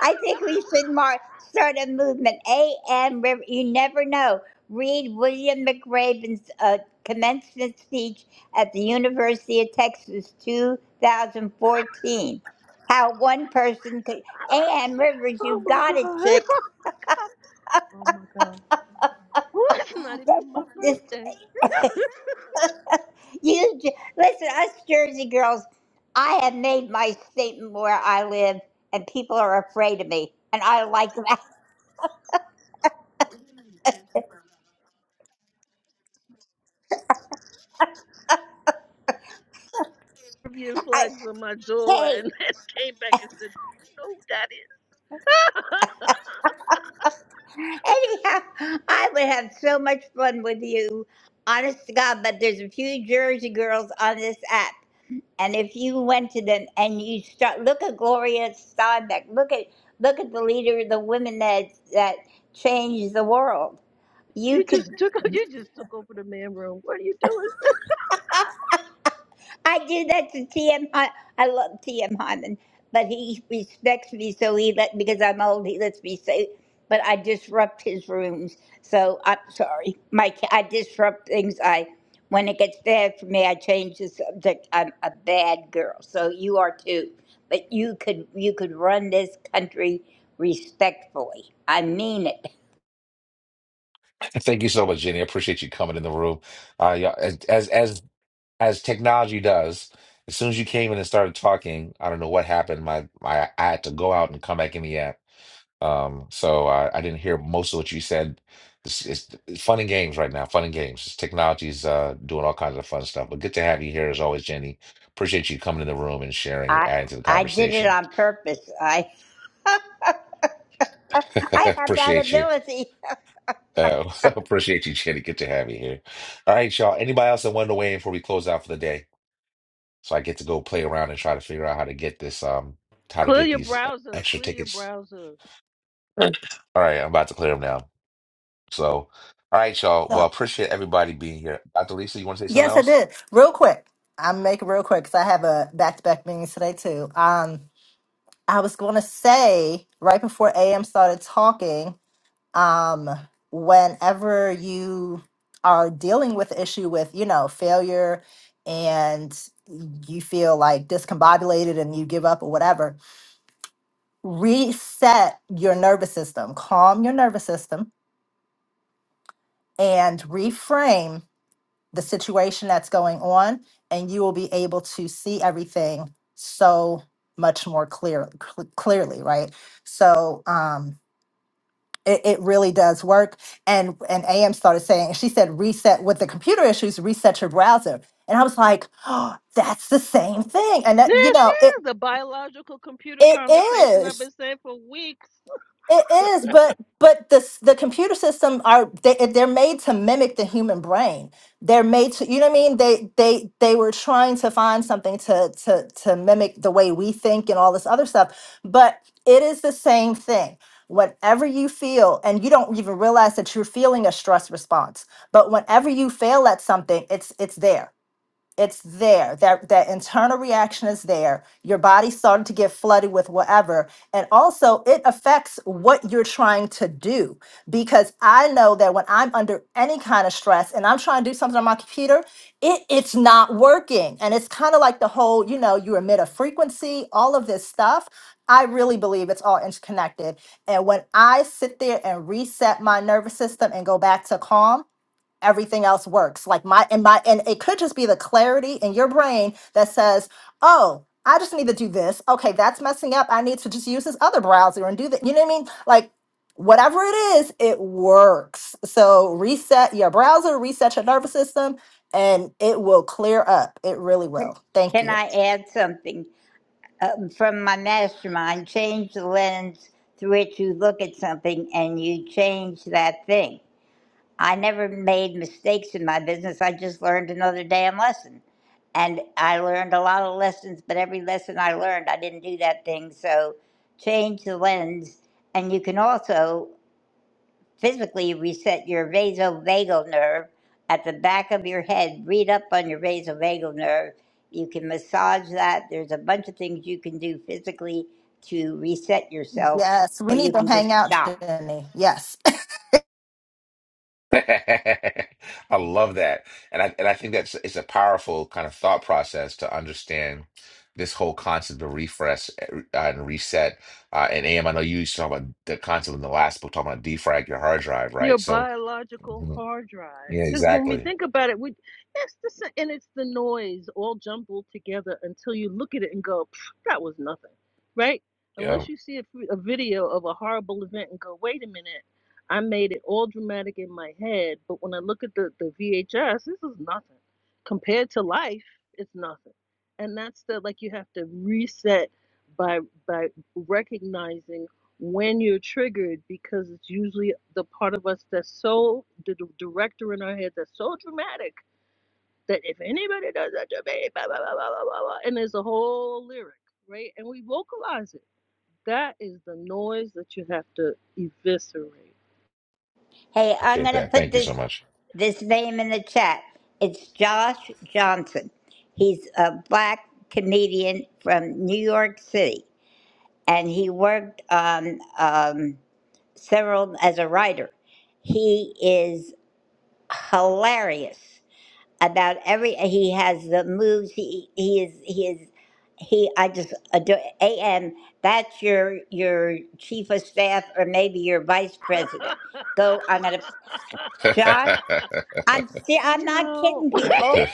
G: I think we should mark, start a movement. A.M. River, you never know. Read William McRaven's uh, commencement speech at the University of Texas 2014. How one person could. A.M. Rivers, you
E: oh my
G: got it,
E: god.
G: chick.
E: Oh my god. Well, it's not even my
G: This,
E: birthday.
G: you, j- listen, us Jersey girls, I have made my statement where I live, and people are afraid of me. And I like that.
E: Caribbean
G: I,
E: flags on my door,
G: Hey.
E: and then came back and said, "Do you know who that is?
G: Anyhow, I would have so much fun with you. Honest to God, but there's a few Jersey girls on this app. And if you went to them and you start look at Gloria Steinbeck, look at look at the leader of the women that that changed the world. You
E: you
G: could
E: just took o- you just took over the man room. What are you doing? sis?
G: I do that to T.M. Hy- I I love T.M. Hyman, but he respects me, so he let because I'm old. He lets me say, but I disrupt his rooms. So I'm sorry, Mike. I disrupt things. I when it gets bad for me, I change the subject. I'm a bad girl, so you are too. But you could you could run this country respectfully. I mean it.
A: And Thank you so much, Jenny. I appreciate you coming in the room. Uh, yeah, as as as as technology does, as soon as you came in and started talking, I don't know what happened. My, my I had to go out and come back in the app. Um, so I, I didn't hear most of what you said. It's, it's, it's fun and games right now. Fun and games. It's Technology's uh, doing all kinds of fun stuff. But good to have you here as always, Jenny. Appreciate you coming in the room and sharing and
G: I
A: adding to the
G: I did it
A: conversation.
G: on purpose. I I have that
A: Appreciate you.
G: ability.
A: Uh, appreciate you, Jenny. Good to have you here. All right, y'all. Anybody else that wanted to weigh in before we close out for the day? So I get to go play around and try to figure out how to get this, um, how to
E: Clear
A: get
E: your
A: these uh,
E: browser.
A: extra
E: Clear your
A: tickets.
E: browser.
A: All right, I'm about to clear them now. So, all right, y'all. Well,
D: so
A: appreciate everybody being here. Dr. Lisa, you want to say something
D: yes i
A: else?
D: did real quick i'm making real quick because i have a back-to-back meetings today too um I was going to say right before AM started talking, um, whenever you are dealing with the issue with, you know, failure and you feel like discombobulated and you give up or whatever, reset your nervous system, calm your nervous system and reframe the situation that's going on and you will be able to see everything so much more clear cl- clearly, right? So, um It, it really does work. And and AM started saying, she said, reset with the computer issues, reset your browser. And I was like, oh, that's the same thing. And that, you
E: This
D: know, it
E: is the biological computer
D: it
E: conversation I've
D: is.
E: been saying for weeks.
D: It is, but but the the computer system are they eh, they're made to mimic the human brain. They're made to you know what I mean. They they they were trying to find something to to to mimic the way we think and all this other stuff. But it is the same thing. Whenever you feel, and you don't even realize that you're feeling a stress response, but whenever you fail at something, it's it's there it's there that that internal reaction is there your body's starting to get flooded with whatever and also it affects what you're trying to do because i know that when i'm under any kind of stress and i'm trying to do something on my computer it it's not working and it's kind of like the whole you know you emit a frequency all of this stuff i really believe it's all interconnected and when i sit there and reset my nervous system and go back to calm everything else works like my and my and it could just be the clarity in your brain that says oh i just need to do this okay that's messing up i need to just use this other browser and do that you know what i mean like whatever it is it works so reset your browser reset your nervous system and it will clear up it really will thank
G: Can
D: you
G: I add something? um, from my mastermind, change the lens through which you look at something and you change that thing. I never made mistakes in my business. I just learned another damn lesson. And I learned a lot of lessons, but every lesson I learned, I didn't do that thing. So change the lens. And you can also physically reset your vasovagal nerve at the back of your head. Read up on your vasovagal nerve. You can massage that. There's a bunch of things you can do physically to reset yourself,
D: yes
G: or
D: we need
G: you
D: to
G: can
D: hang
G: just
D: out
G: stop.
D: jenny yes
A: I love that. And I and I think that's it's a powerful kind of thought process to understand this whole concept of refresh uh, and reset. Uh, and AM, I know you used to talk about the concept in the last book, talking about defrag your hard drive,
E: your
A: right? So,
E: biological
A: Mhm.
E: hard drive.
A: yeah,
E: Because when we
A: exactly.
E: think about it, we it's the sa- and it's the noise all jumbled together until you look at it and go, "Pff, that was nothing, right?
A: Yeah,
E: Unless you see a, f- a video of a horrible event and go, wait a minute, I made it all dramatic in my head, but when I look at the the VHS, this is nothing compared to life. It's nothing, and that's the like you have to reset by by recognizing when you're triggered because it's usually the part of us that's so the d- director in our head that's so dramatic that if anybody does that to me, blah, blah, blah, blah, blah, blah, blah, and there's a whole lyric, right? And we vocalize it. That is the noise that you have to eviscerate.
G: Hey, I'm
A: appreciate
G: gonna
A: that.
G: put
A: Thank you so
G: this
A: much.
G: this name in the chat. It's Josh Johnson. He's a black comedian from New York City, and he worked on um, several as a writer. He is hilarious about every he has the moves he he is he is he i just adore am that's your your chief of staff or maybe your vice president go i'm gonna josh i'm see i'm
E: you
G: not
E: know,
G: kidding people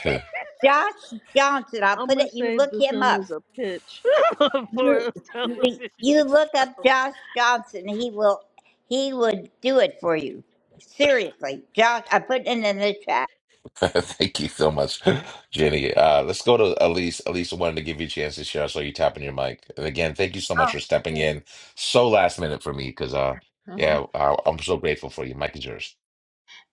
G: josh johnson i'll
E: I'm
G: put
E: gonna
G: it you
E: save
G: look
E: this
G: him
E: room
G: up
E: as a pitch for
G: you,
E: a
G: you
E: television
G: look up josh johnson he will he would do it for you seriously josh i put it in the chat
A: Thank you so much, Jenny. Uh, let's go to Elise. Elise, I wanted to give you a chance to share. I saw you tapping your mic. And again, thank you so much
C: Oh,
A: for stepping in so last minute for me because, uh,
C: thank
A: yeah, I, I'm so grateful for you. Mike is yours.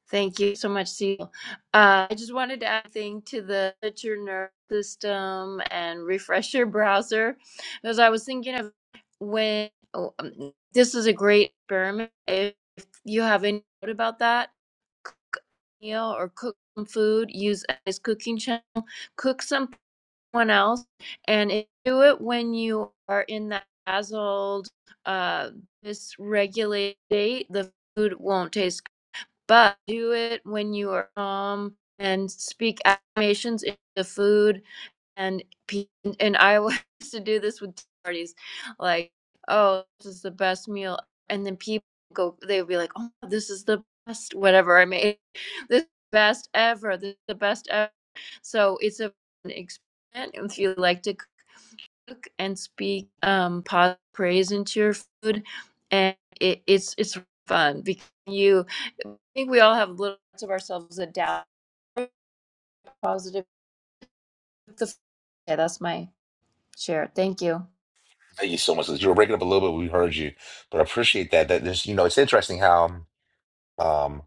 C: Thank you so much, Cecil. Uh, I just wanted to add a thing to the that your nervous system and refresh your browser because I was thinking of when oh, um, this is a great experiment. If you have any doubt about that, cook a meal or cook some food, use as cooking channel, cook some. someone else and it- do it when you are in that dazzled uh dysregulated state the food won't taste good. but do it when you are calm and speak affirmations into the food and and I used to do this with tea parties, like, oh, this is the best meal, and then people go, they would be like, oh, this is the best whatever I made, this is the best ever, this is the best ever. So it's a an experiment if you like to cook and speak um positive praise into your food, and it, it's it's fun because you, I think we all have little parts of ourselves that doubt positive. The, yeah, that's my Sure. Thank you.
A: Thank you so much. You were breaking up a little bit. We heard you, but I appreciate that. That there's, you know, it's interesting how, um,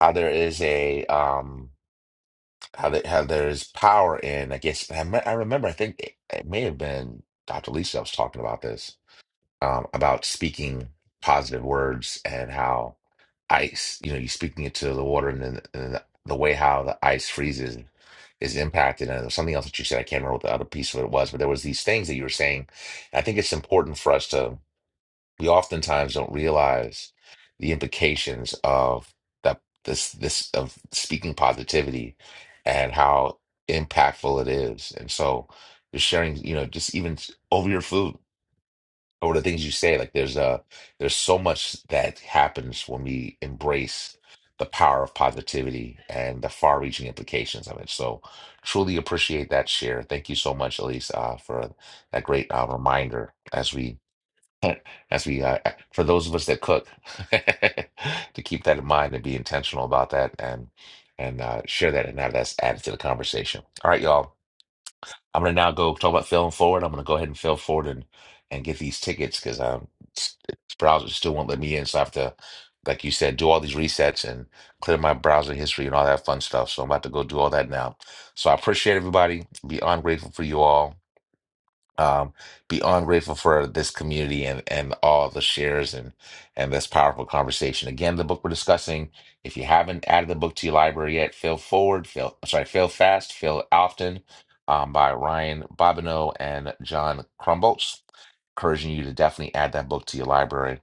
A: how there is a, um, how that how there is power in. I guess I, me- I remember. I think it, it may have been Dr. Lisa. I was talking about this um, about speaking positive words and how ice, you know, you speaking it to the water and then and the, the way how the ice freezes is impacted. And there was something else that you said, I can't remember what the other piece of it was, but there was these things that you were saying. I think it's important for us to, we oftentimes don't realize the implications of that, this, this, of speaking positivity and how impactful it is. And so, just sharing, you know, just even over your food or the things you say like there's a, there's so much that happens when we embrace the power of positivity and the far-reaching implications of it so truly appreciate that share thank you so much elise uh, for that great uh, reminder as we as we uh, for those of us that cook to keep that in mind and be intentional about that and and uh, share that and have that added to the conversation all right y'all I'm gonna now go talk about failing forward. I'm gonna go ahead and fail forward and, and get these tickets because um s- this browser still won't let me in. So I have to, like you said, do all these resets and clear my browser history and all that fun stuff. So I'm about to go do all that now. So I appreciate everybody. Beyond grateful for you all um beyond grateful for this community and and all the shares and and this powerful conversation again the book we're discussing if you haven't added the book to your library yet fail forward fail sorry fail fast fail often um, by ryan bobineau and john crumbolts encouraging you to definitely add that book to your library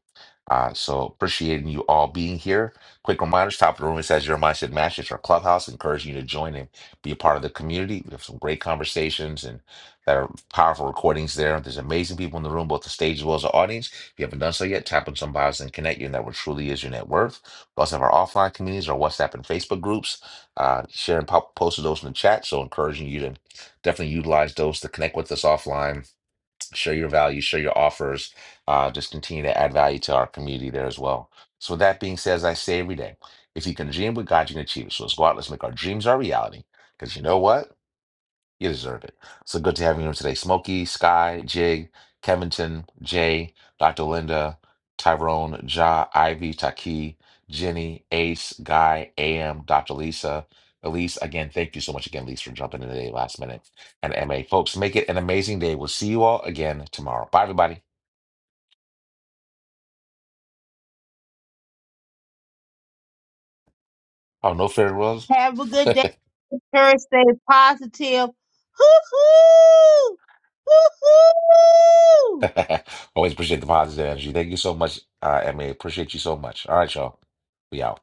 A: uh, so appreciating you all being here quick reminders top of the room it says your mindset match our clubhouse encouraging you to join and be a part of the community we have some great conversations that are powerful recordings there. There's amazing people in the room, both the stage as well as the audience. If you haven't done so yet, tap on some bios and connect. Your network truly is your net worth. We also have our offline communities, our WhatsApp and Facebook groups. Uh, sharing pop- posted those in the chat, so encouraging you to definitely utilize those to connect with us offline, share your value, share your offers. Uh, just continue to add value to our community there as well. So with that being said, as I say every day, if you can dream with God, you can achieve it. So let's go out, let's make our dreams our reality. Because you know what? You deserve it. So good to have you here today. Smokey, Sky, Jig, Kevinton, Jay, Dr. Linda, Tyrone, Ja, Ivy, Taki, Jenny, Ace, Guy, AM, Dr. Lisa. Elise, again, thank you so much again, Elise, for jumping in today last minute. And MA, folks, make it an amazing day. We'll see you all again tomorrow. Bye, everybody. Oh, no farewells.
B: Have a good day. Encouraged, stay positive. Hoo hoo! Hoo hoo!
A: Always appreciate the positive energy. Thank you so much, uh, MA. Appreciate you so much. All right, y'all. We out.